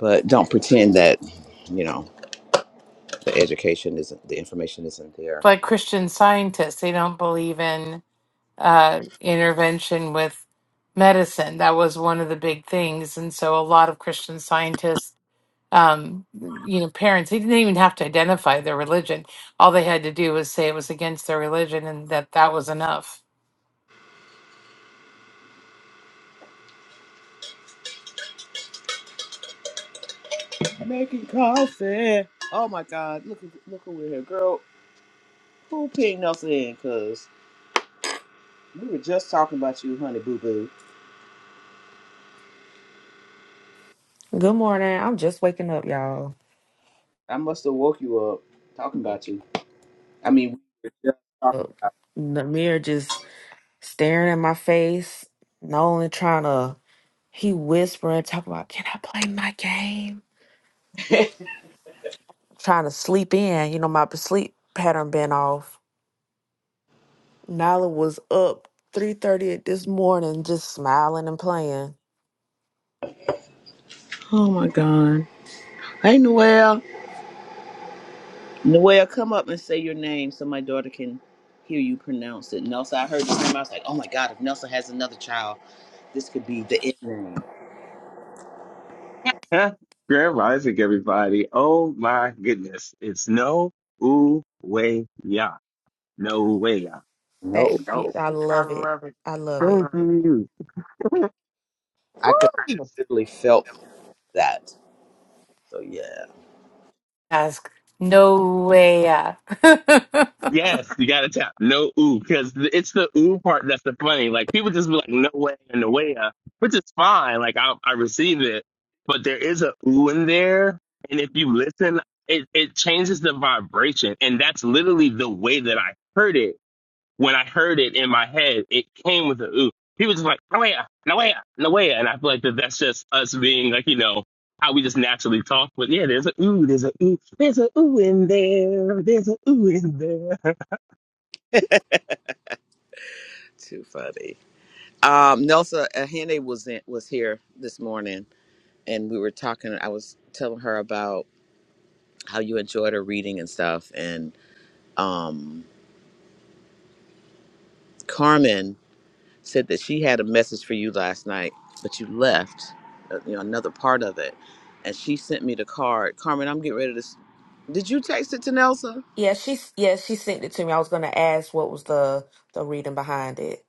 S1: but don't pretend that, you know, the education isn't, the information isn't there.
S3: Like Christian scientists, they don't believe in uh, intervention with medicine. That was one of the big things. And so a lot of Christian scientists, um, you know, parents, they didn't even have to identify their religion. All they had to do was say it was against their religion and that that was enough.
S1: Making coffee. Oh my God! Look, look over here, girl. Who pinged us in? Cause we were just talking about you, honey, boo boo.
S8: Good morning. I'm just waking up, y'all.
S1: I must have woke you up talking about you. I mean,
S8: Look, The mirror just staring in my face. Nolan trying to, he whispering, talking about, can I play my game? Trying to sleep in. You know, my sleep pattern been off. Nala was up 3.30 this morning just smiling and playing.
S1: oh my God! Hey, Noel. Noel, come up and say your name so my daughter can hear you pronounce it. Nelson, I heard this name. I was like, oh my God! If Nelson has another child, this could be the end name.
S9: Huh? Grand Rising, everybody. Oh my goodness. It's no ooh way ya. No way ya.
S8: That is
S1: No,
S9: No.
S8: beautiful. I
S9: I
S8: love it.
S9: love it.
S8: I
S9: I
S8: love it.
S9: Thank love it. you.
S1: I could
S9: it.
S1: literally felt that. So yeah,
S3: Ask, no way.
S9: Yes, you gotta tap. No ooh, because it's the ooh part that's the funny. Like people just be like, no way and no way ya, which is fine. Like I I receive it. But there is a ooh in there. And if you listen, it, it changes the vibration. And that's literally the way that I heard it when I heard it in my head, it came with a ooh. He was just like, Noea, Noea, Noea. And I feel like that that's just us being like, you know, how we just naturally talk. But yeah, there's a ooh, there's a ooh, there's a ooh in there, there's a ooh in there.
S1: too funny. Um, Nelsa Ahene was in, was here this morning, and we were talking. I was telling her about how you enjoyed her reading and stuff, and um, Carmen said that she had a message for you last night, but you left, uh, you know, another part of it, and she sent me the card. Carmen, I'm getting ready to. s- Did you text it to Nelsa?
S8: Yeah, she's yeah, she sent it to me. I was gonna ask what was the the reading behind it.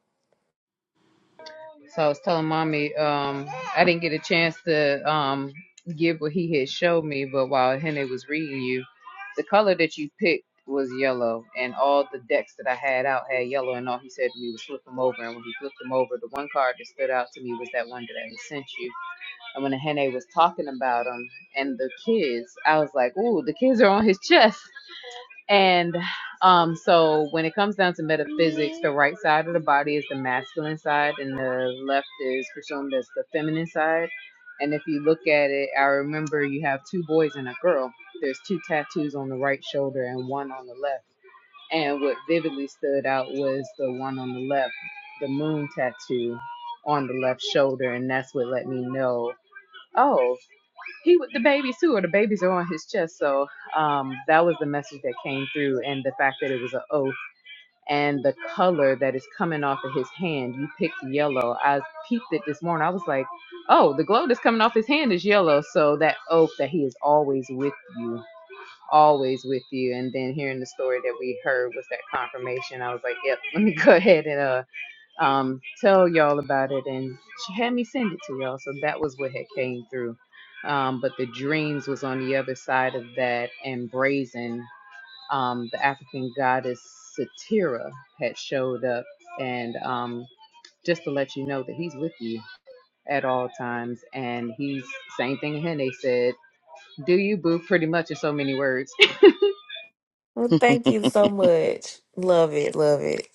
S8: Well, thank you so much. Love it, love it.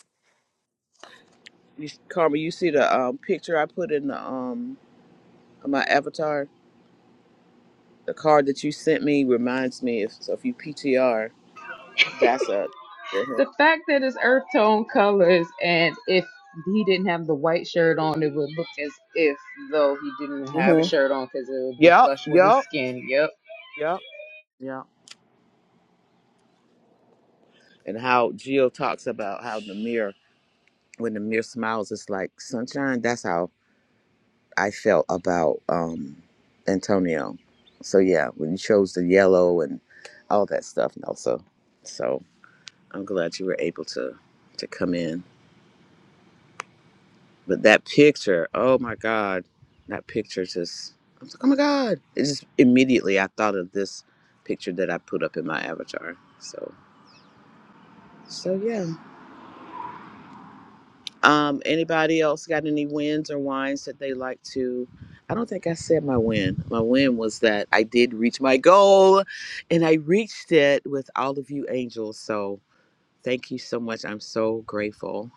S1: You, Carmen, you see the um, picture I put in the um my avatar. The card that you sent me reminds me. If so, if you PTR, that's a hmm Yup. Yeah. And how Jill talks about how the mirror, when the mirror smiles, it's like sunshine. That's how I felt about um, Antonio. So yeah, when you chose the yellow and all that stuff, Nelson. So I'm glad you were able to to come in. But that picture, oh my God, that picture just I was like, oh my God. It just immediately I thought of this picture that I put up in my avatar. So so yeah. Um, anybody else got any wins or wines that they like to? I don't think I said my win. My win was that I did reach my goal and I reached it with all of you angels. So thank you so much. I'm so grateful.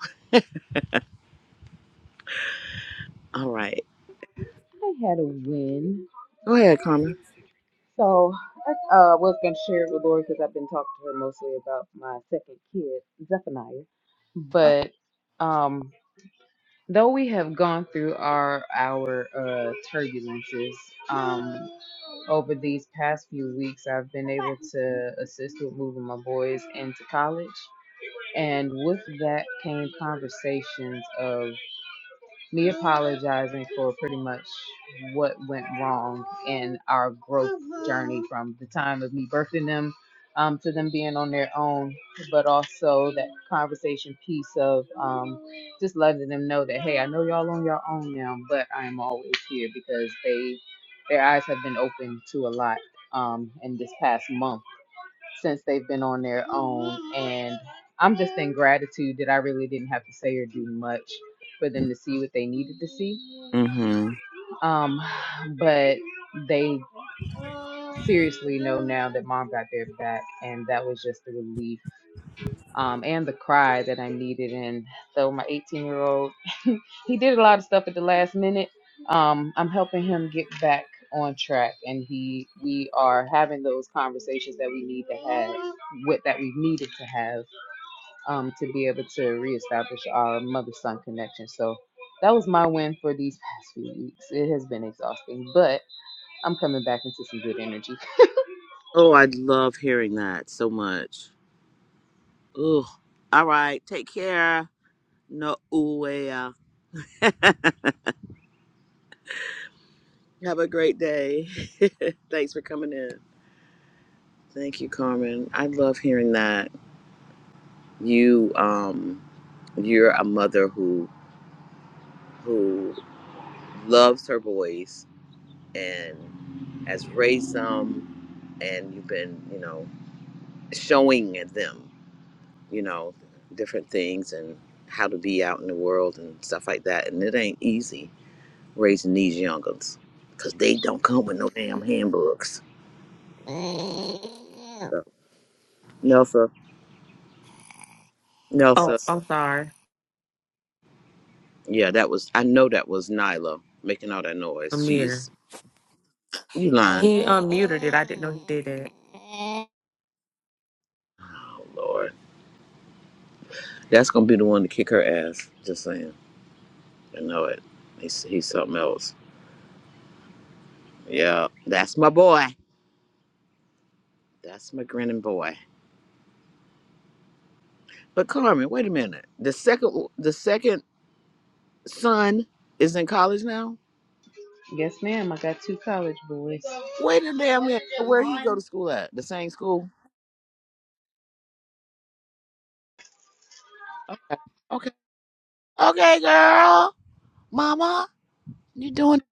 S1: All right. Go ahead, Carmen. Mm-hmm. Oh, I love hearing that so much. Ugh. All right. Take care. No uwea. Have a great day. Thanks for coming in. Thank you, Carmen. I love hearing that. You um you're a mother who who loves her boys and has raised them and you've been, you know, showing them, you know, different things and how to be out in the world and stuff like that. And it ain't easy raising these young'uns because they don't come with no damn handbooks. So, Nelsa,
S8: Oh,
S1: Nelsa,
S8: I'm sorry.
S1: yeah, that was, I know that was Nyla making all that noise.
S8: Amir.
S1: She's, you lying.
S8: He unmuted it. I didn't know he did that.
S1: Oh, Lord. That's gonna be the one to kick her ass. Just saying. I know it. He's he's something else. Yeah, that's my boy. That's my grinning boy. But Carmen, wait a minute. The second the second son is in college now. Wait a damn minute. Where he go to school at? The same school. Okay. Okay, girl. Mama, you doing?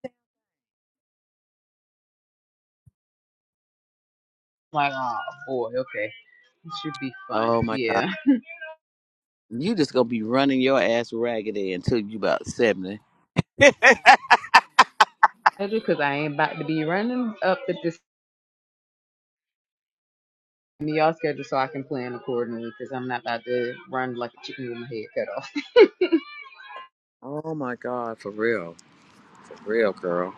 S1: Oh my god. You just gonna be running your ass raggedy until you about seventy. Oh my god, for real, for real, girl.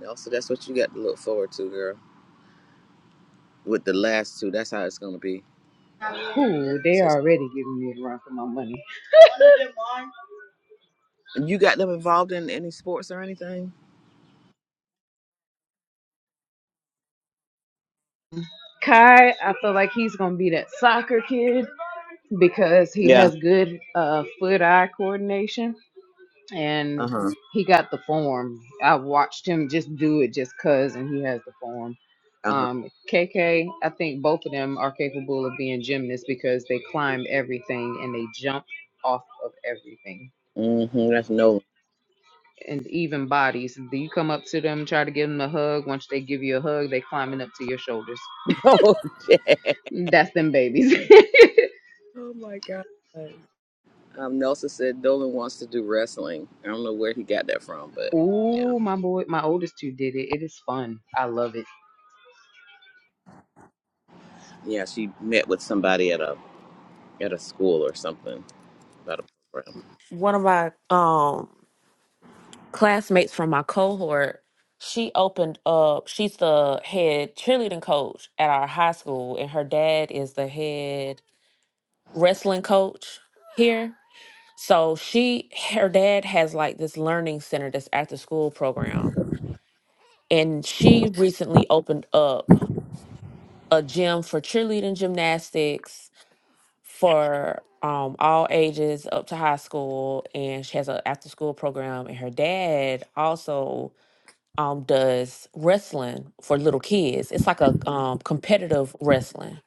S1: No, so that's what you got to look forward to, girl. with the last two. That's how it's gonna be. Says you got them involved in any sports or anything? Yeah. Uh huh. Uh huh. Mm-hmm. That's Nolan. oh shit. Oh my god. Um, Nelson said Dolan wants to do wrestling. I don't know where he got that from, but yeah, yeah. She met with somebody at a at a school or something about a program.
S8: One of my um classmates from my cohort, she opened up she's the head cheerleading coach at our high school and her dad is the head wrestling coach here. So she her dad has like this learning center this after school program. And she recently opened up a gym for cheerleading gymnastics for um all ages up to high school and she has an after school program and her dad also um does wrestling for little kids it's like a um competitive wrestling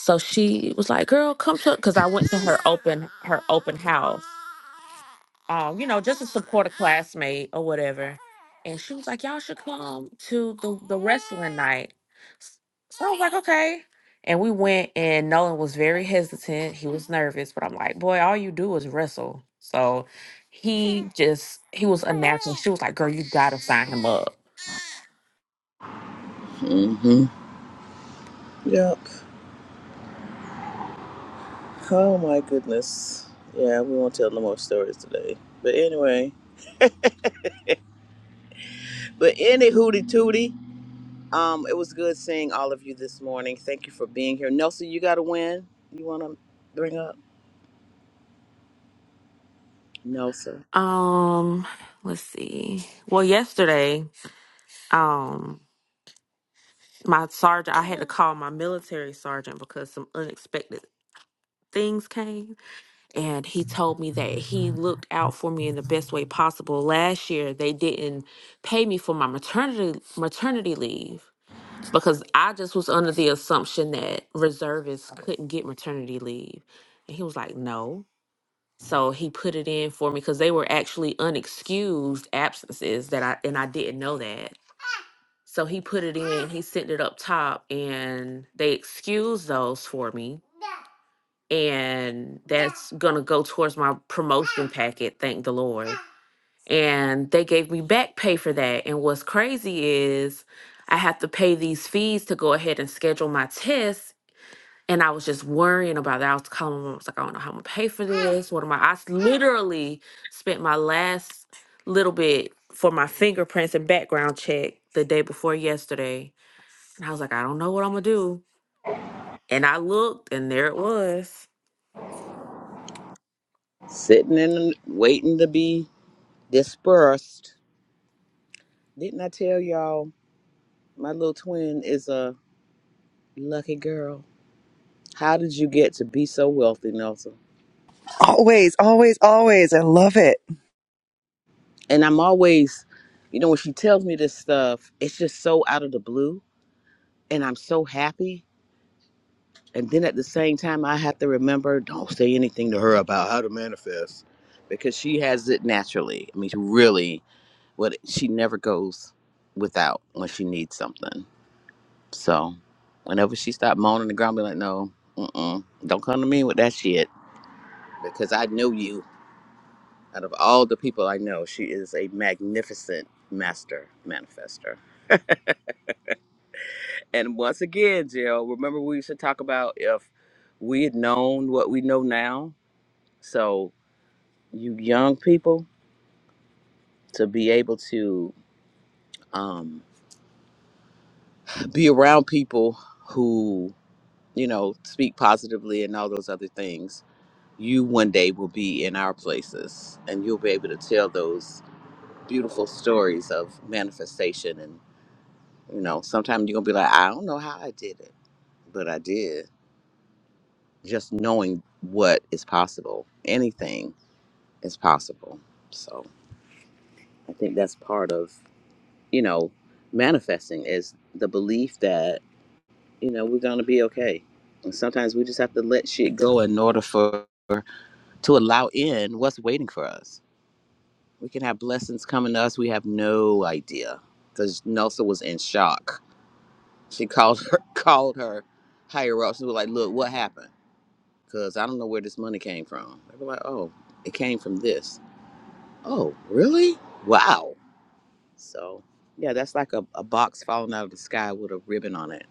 S8: so she was like girl come to because i went to her open her open house um, you know, just to support a classmate or whatever. And she was like, Y'all should come to the, the wrestling night. S- So I was like, Okay. And we went, and Nolan was very hesitant. He was nervous, but I'm like, Boy, all you do is wrestle. So he just, he was announcing, she was like, Girl, you gotta sign him up.
S1: Mm-hmm. Yep. Oh my goodness. Yeah, we won't tell no more stories today. But anyway, but any hootie tootie. Um, it was good seeing all of you this morning. Thank you for being here. Nelson, you got a win. You want to bring up? Nelson?
S8: Um, let's see. Well, yesterday, um, my sergeant, I had to call my military sergeant because some unexpected things came and he told me that he looked out for me in the best way possible. Last year, they didn't pay me for my maternity maternity leave because I just was under the assumption that reservists couldn't get maternity leave. And he was like, "No." So he put it in for me because they were actually unexcused absences that I and I didn't know that. So he put it in, he sent it up top, and they excused those for me and that's gonna go towards my promotion packet, thank the Lord. And they gave me back pay for that. And what's crazy is I have to pay these fees to go ahead and schedule my tests. And I was just worrying about that. I was calling them. I was like, I don't know how I'm gonna pay for this. What am I? I s- literally spent my last little bit for my fingerprints and background check the day before yesterday. And I was like, I don't know what I'm gonna do. And I looked, and there it was.
S1: Sitting in, waiting to be dispersed. Didn't I tell y'all my little twin is a lucky girl? How did you get to be so wealthy, Nelson?
S6: Always, always, always. I love it.
S1: And I'm always, you know, when she tells me this stuff, it's just so out of the blue, and I'm so happy and then at the same time i have to remember don't say anything to her about how to manifest because she has it naturally i mean she really what she never goes without when she needs something so whenever she stopped moaning and the ground be like no mm-mm, don't come to me with that shit because i know you out of all the people i know she is a magnificent master manifester and once again jill remember we used to talk about if we had known what we know now so you young people to be able to um, be around people who you know speak positively and all those other things you one day will be in our places and you'll be able to tell those beautiful stories of manifestation and you know sometimes you're gonna be like i don't know how i did it but i did just knowing what is possible anything is possible so i think that's part of you know manifesting is the belief that you know we're gonna be okay and sometimes we just have to let shit go in order for to allow in what's waiting for us we can have blessings coming to us we have no idea because nelsa was in shock she called her called her higher ups and was like look what happened because i don't know where this money came from they were like oh it came from this oh really wow so yeah that's like a, a box falling out of the sky with a ribbon on it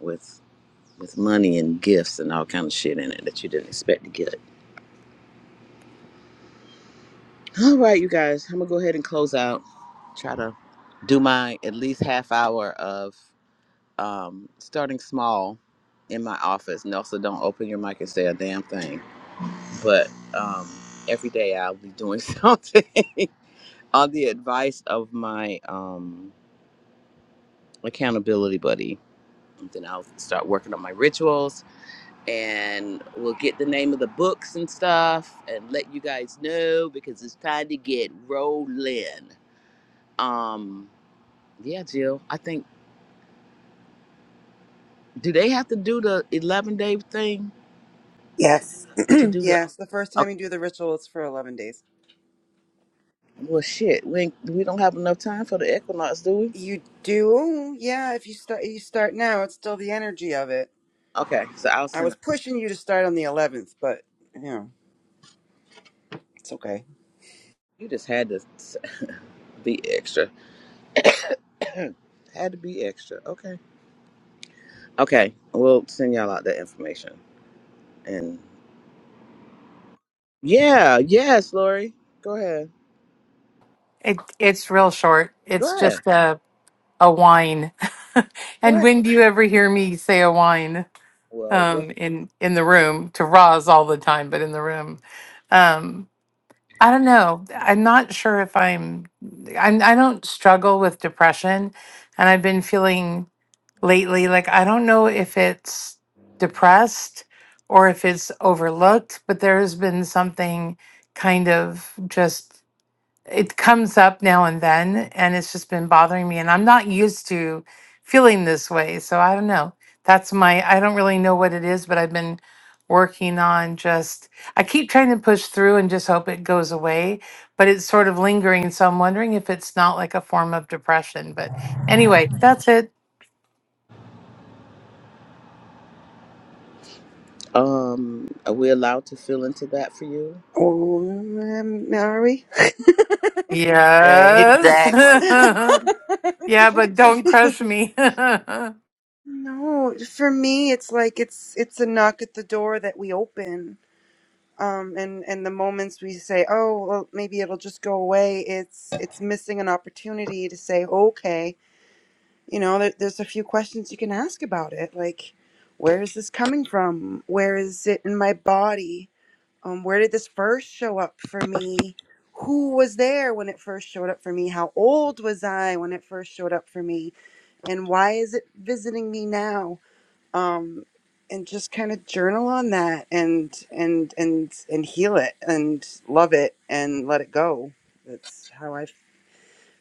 S1: with. with money and gifts and all kind of shit in it that you didn't expect to get. All right, you guys, I'm gonna go ahead and close out. Try to do my at least half hour of um, starting small in my office, and also don't open your mic and say a damn thing. But um, every day I'll be doing something on the advice of my um, accountability buddy. And then I'll start working on my rituals and we'll get the name of the books and stuff and let you guys know because it's time to get rolling. Um, yeah, Jill, I think do they have to do the eleven day thing
S6: Yes.
S1: to do the?
S6: yes. The first time
S1: Okay.
S6: you do the ritual, it's for 11 days.
S1: Well, shit, we ain't, we don't have enough time for the equinox, do we?
S6: You do? Yeah. If you start, you start now, it's still the energy of it.
S1: Okay, so I'll
S6: I
S1: send. A,
S6: was pushing you to start on the 11th, but, you know, it's okay.
S1: you just had to s- be extra. had to be extra. Okay. Okay, we'll send y'all out that information and yeah, yes, Lori, go ahead,
S3: It it's real short. It's
S1: go ahead,
S3: just a a whine.
S1: go ahead.
S3: and when do you ever hear me say a whine?
S1: Well, what-
S3: Um, in in the room to Roz all the time, but in the room, um, I don't know. I'm not sure if I'm. I'm I don't struggle with depression, and I've been feeling lately like I don't know if it's depressed or if it's overlooked, but there has been something kind of just it comes up now and then and it's just been bothering me and i'm not used to feeling this way so i don't know that's my i don't really know what it is but i've been working on just i keep trying to push through and just hope it goes away but it's sort of lingering so i'm wondering if it's not like a form of depression but anyway that's it
S1: um, are we allowed to fill into that for you,
S6: Oh, um, are we?
S1: Lori?
S3: yes
S10: Exactly.
S3: yeah but don't crush me
S6: no, for me, it's like it's it's a knock at the door that we open. Um, and and the moments we say, oh, well, maybe it'll just go away. It's it's missing an opportunity to say, okay, you know there, there's a few questions you can ask about it like where is this coming from where is it in my body um where did this first show up for me who was there when it first showed up for me how old was i when it first showed up for me and why is it visiting me now um and just kind of journal on that and and and and heal it and love it and let it go that's how i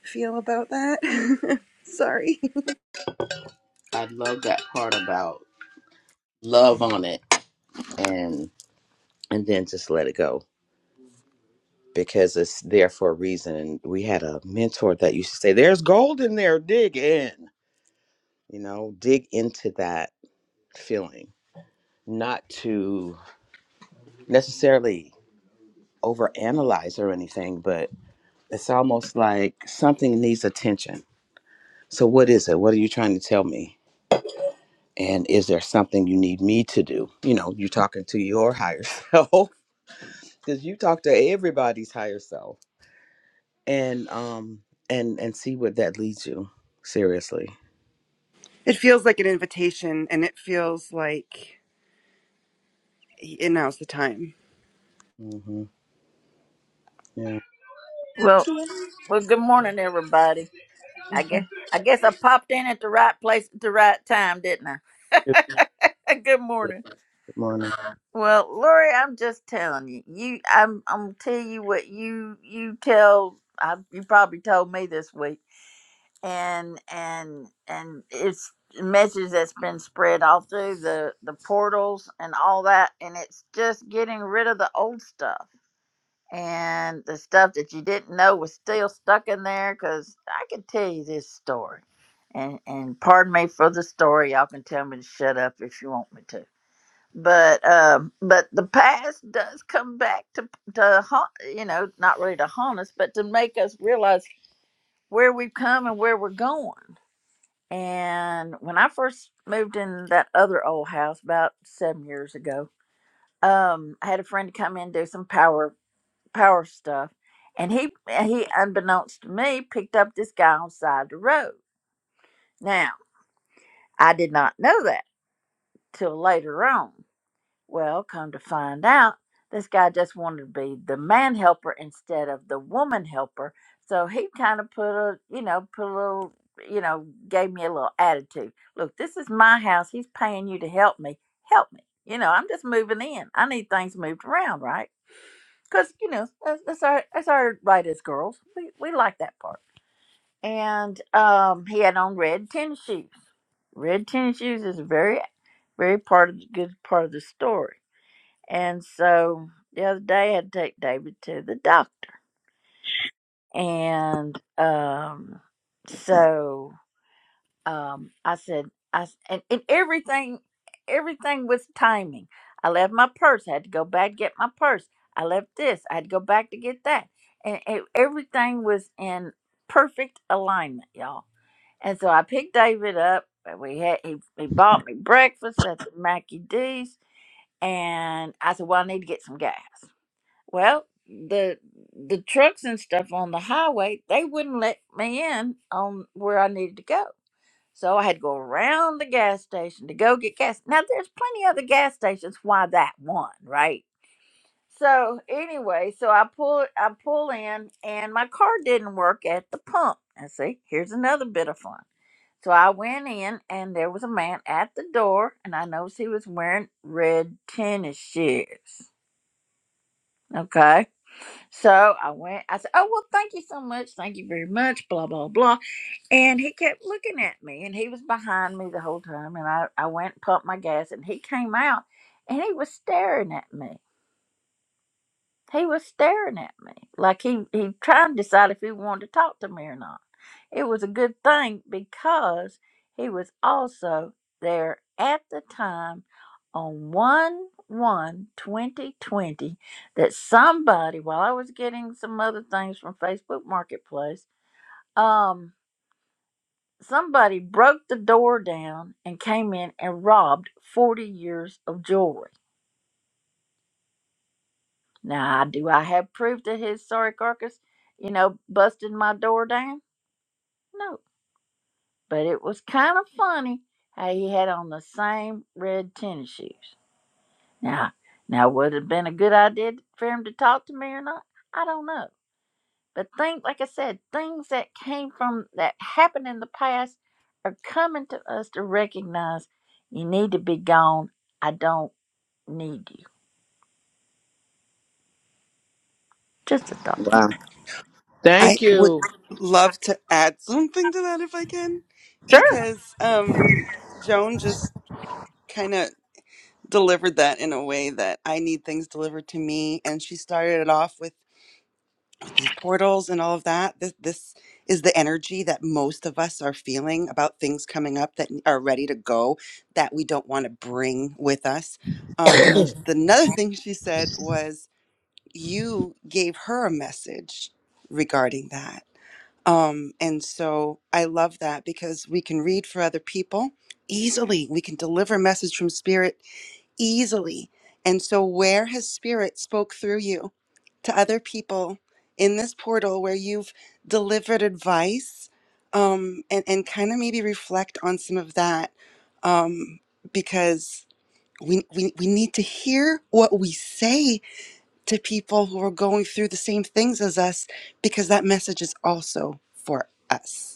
S6: feel about that sorry
S1: I love that part about love on it and and then just let it go because it's there for a reason. And we had a mentor that used to say, "There's gold in there. Dig in. You know, dig into that feeling, not to necessarily overanalyze or anything, but it's almost like something needs attention. So, what is it? What are you trying to tell me? and is there something you need me to do you know you are talking to your higher self because you talk to everybody's higher self and um and and see where that leads you seriously
S6: It feels like an invitation and it feels like and now's the time.
S1: hmm yeah
S10: Well, well. Good morning, everybody. I guess I guess I popped in at the right place at the right time, didn't I? good morning. Well, Lori, I'm just telling you. You, I'm, I'm gonna tell you what you you tell. I, you probably told me this week, and and and it's a message that's been spread all through the the portals and all that, and it's just getting rid of the old stuff. and the stuff that you didn't know was still stuck in there because I can tell you this story. And, and pardon me for the story. Y'all can tell me to shut up if you want me to. But um, but the past does come back to to haunt, you know not really to haunt us, but to make us realize where we've come and where we're going. And when I first moved in that other old house about seven years ago, um, I had a friend come in do some power power stuff. And he, he, unbeknownst to me, picked up this guy on the side of the road. Now, I did not know that till later on. Well, come to find out, this guy just wanted to be the man helper instead of the woman helper. So he kind of put a, you know, put a little, you know, gave me a little attitude. Look, this is my house. He's paying you to help me. Help me. You know, I'm just moving in. I need things moved around, right? because you know that's, that's our that's our right as girls. We we like that part. And um, he had on red tennis shoes. Red tennis shoes is a very very part of the good part of the story. And so the other day I had to take David to the doctor, and um, so. um, I said, I s- and, and everything, everything was timing. I left my purse. I had to go back to get my purse. I left this. I had to go back to get that, and it, everything was in perfect alignment, y'all. And so I picked David up. and We had he, he bought me breakfast at the Mackey D's, and I said, "Well, I need to get some gas." Well, the the trucks and stuff on the highway, they wouldn't let me in on where I needed to go. So I had to go around the gas station to go get gas. Now there's plenty of other gas stations. Why that one, right? So anyway, so I pull I pull in and my car didn't work at the pump. And see, here's another bit of fun. So I went in and there was a man at the door and I noticed he was wearing red tennis shoes. Okay so I went, I said, Oh, well, thank you so much. Thank you very much. Blah, blah, blah. And he kept looking at me and he was behind me the whole time. And I, I went and pumped my gas and he came out and he was staring at me. He was staring at me like he, he tried to decide if he wanted to talk to me or not. It was a good thing because he was also there at the time on 1 one 2020 that somebody, while I was getting some other things from Facebook Marketplace, um, somebody broke the door down and came in and robbed 40 years of jewelry. Now, do I have proof that his sorry carcass, you know, busted my door down? No. but it was kind of funny how he had on the same red tennis shoes. Now, now would it have been a good idea for him to talk to me or not? I don't know. But things, like I said, things that came from that happened in the past are coming to us to recognize you need to be gone. I don't need you. Just a thought.
S6: I
S1: Thank
S6: would
S1: you.
S6: love to add something to that if I can
S10: Sure.
S6: because um Joan just kind of delivered that in a way that I need things delivered to me and she started it off with with these portals and all of that. This this is the energy that most of us are feeling about things coming up that are ready to go that we don't want to bring with us. Um, and then the another thing she said was you gave her a message regarding that. Um, and so I love that because we can read for other people easily. We can deliver message from spirit easily. And so where has spirit spoke through you to other people in this portal where you've delivered advice? Um, and, and kind of maybe reflect on some of that. Um, because we, we, we need to hear what we say to people who are going through the same things as us because that message is also for us.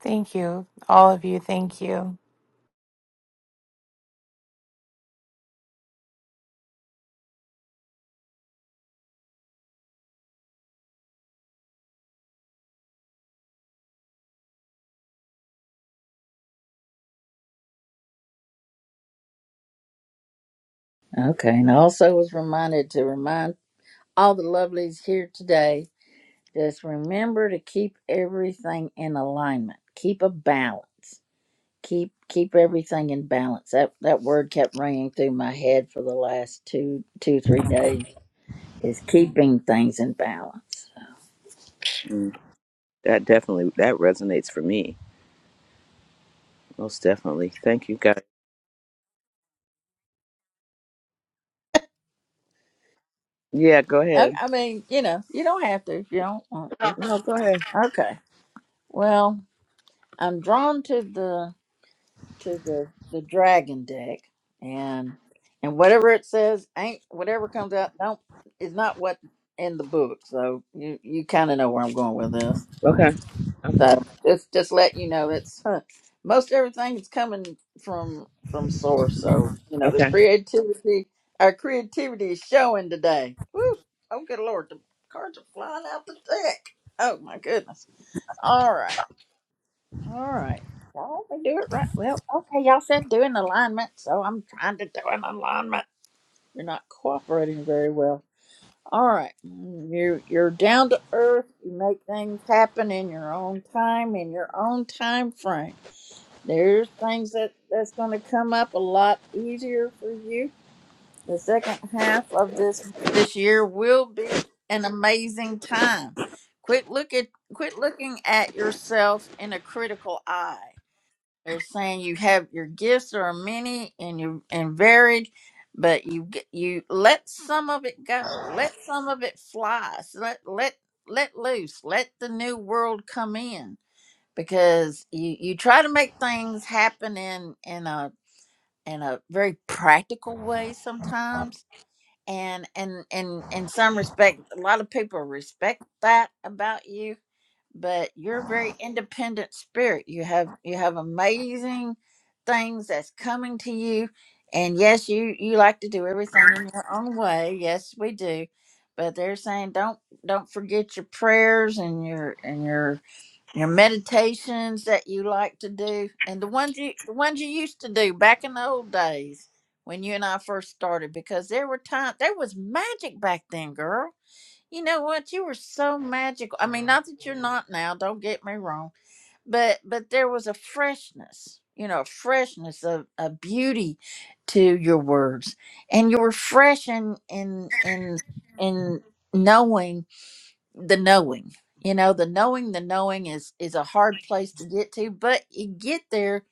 S3: thank you all of you thank you
S10: Okay, and I also was reminded to remind all the lovelies here today Just remember to keep everything in alignment. Keep a balance. Keep keep everything in balance. That that word kept ringing through my head for the last two two three days. Is keeping things in balance.
S1: Mm. that definitely that resonates for me most definitely thank you guys yeah go
S10: I,
S1: ahead
S10: I mean, you know, you don't have to if you don't want to.
S1: no go ahead
S10: Okay. Well, I'm drawn to the to the the dragon deck and and whatever it says ain't whatever comes out don't is not what in the book so you you kind of know where i'm going with this so
S1: Okay. Okay.
S10: just just let you know it's huh, most everything is coming from from source so you know the
S1: Okay.
S10: creativity our creativity is showing today Woo! oh good lord the cards are flying out the deck oh my goodness all right all right. Well, we do it right. Well, okay, y'all said do an alignment, so I'm trying to do an alignment. You're not cooperating very well. All right. Mm, You're, you're down to earth. You make things happen in your own time, in your own time frame. There's things that, that's going to come up a lot easier for you. The second half of this this year will be an amazing time. Quit look at quit looking at yourself in a critical eye they're saying you have your gifts are many and you and varied, but you g- you let some of it go. Let some of it fly. So let let let loose. Let the new world come in because you you try to make things happen in in a in a very practical way sometimes. And and and in some respect, a lot of people respect that about you but you're a very independent spirit you have you have amazing things that's coming to you and yes you you like to do everything in your own way yes we do but they're saying don't don't forget your prayers and your and your your meditations that you like to do and the ones you the ones you used to do back in the old days when you and I first started because there were times there was magic back then girl you know what? You were so magical. I mean, not that you're not now, don't get me wrong, but but there was a freshness, you know, a freshness of a beauty to your words. And you were fresh in in in in knowing the knowing. You know, the knowing the knowing is is a hard place to get to, but you get there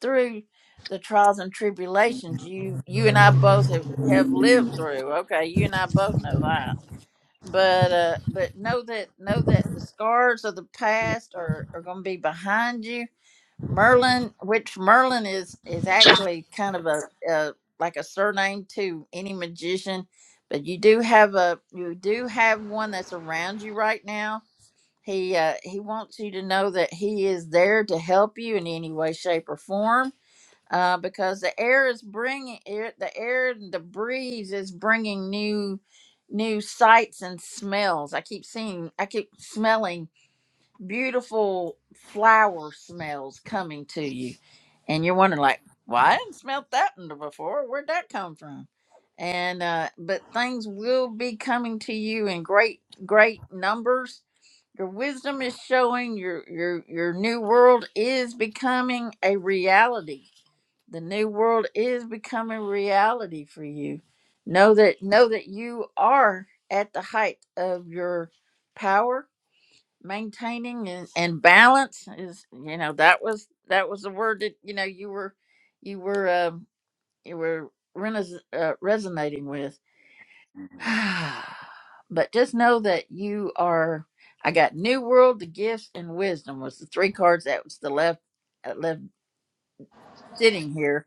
S10: through the trials and tribulations you you and I both have, have lived through. Okay, you and I both know that but uh but know that know that the scars of the past are are going to be behind you merlin which merlin is is actually kind of a, a like a surname to any magician but you do have a you do have one that's around you right now he uh he wants you to know that he is there to help you in any way shape or form uh, because the air is bringing air, the air and the breeze is bringing new new sights and smells i keep seeing i keep smelling beautiful flower smells coming to you and you're wondering like well i didn't smell that one before where'd that come from and uh but things will be coming to you in great great numbers your wisdom is showing your your your new world is becoming a reality the new world is becoming reality for you know that know that you are at the height of your power maintaining and, and balance is you know that was that was the word that you know you were you were um you were renas- uh, resonating with but just know that you are i got new world the gifts and wisdom was the three cards that was the left uh, left sitting here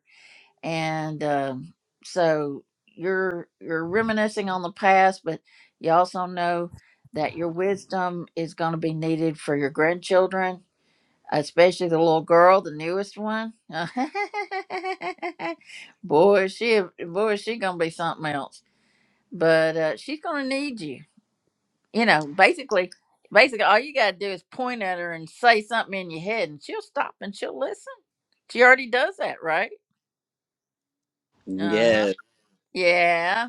S10: and um, so you're you're reminiscing on the past but you also know that your wisdom is going to be needed for your grandchildren especially the little girl the newest one boy is she a- boy is she going to be something else but uh, she's going to need you you know basically basically all you got to do is point at her and say something in your head and she'll stop and she'll listen she already does that right uh-huh
S1: yes
S10: yeah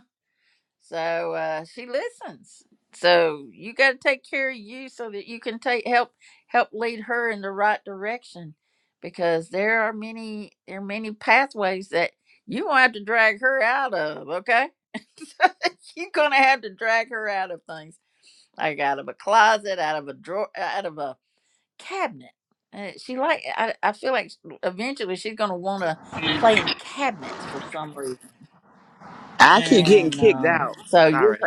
S10: So uh, she listens. So you got to take care of you so that you can take help help lead her in the right direction, because there are many there are many pathways that you won't have to drag her out of. Okay, you're gonna have to drag her out of things like out of a closet, out of a drawer, out of a cabinet. Uh, she like I, I feel like eventually she's gonna want to play in cabinets for some reason,
S1: i keep getting
S10: and
S1: kicked
S10: uh,
S1: out
S10: so you're
S1: sorry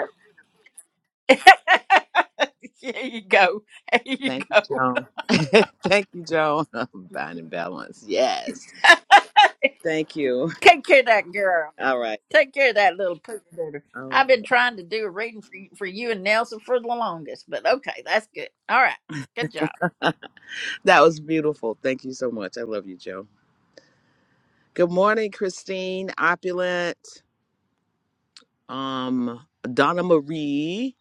S10: Here you go. Here you
S1: thank you
S10: go.
S1: joan thank you joan binding balance yes Thank you.
S10: Take care of that girl.
S1: All right.
S10: Take care of that little poop litter.
S1: All
S10: I've been trying to do a reading for you, for you and Nelson for the longest, but okay, that's good. All right. Good job.
S1: right. that was beautiful. Thank you so much. I love you, Joe. Good morning, Christine, Opulent, um, Donna Marie,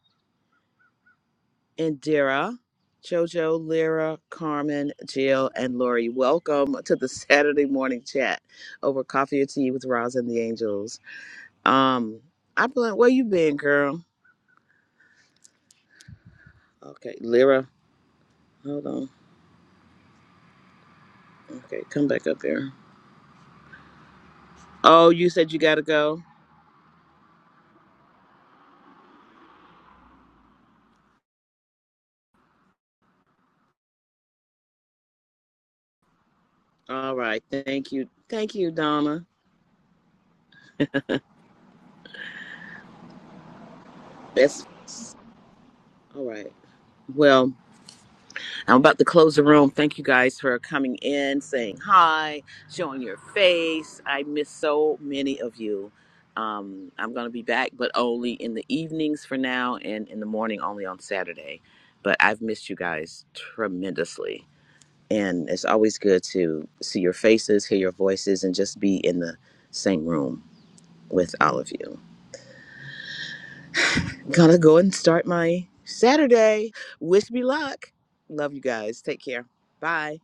S1: Indira, Jojo, Lyra, Carmen, Jill, and Lori. Welcome to the Saturday morning chat over coffee or tea with Roz and the Angels. Um, Opulent, where you been, girl? Okay, Lyra. Hold on. Okay, come back up here. Oh, you said you gotta go. All right. Thank you. Thank you, Donna. Best. all right. Well, I'm about to close the room. Thank you guys for coming in, saying hi, showing your face. I miss so many of you. Um, I'm going to be back, but only in the evenings for now and in the morning only on Saturday. But I've missed you guys tremendously. And it's always good to see your faces, hear your voices, and just be in the same room with all of you. Gonna go and start my Saturday. Wish me luck. Love you guys. Take care. Bye.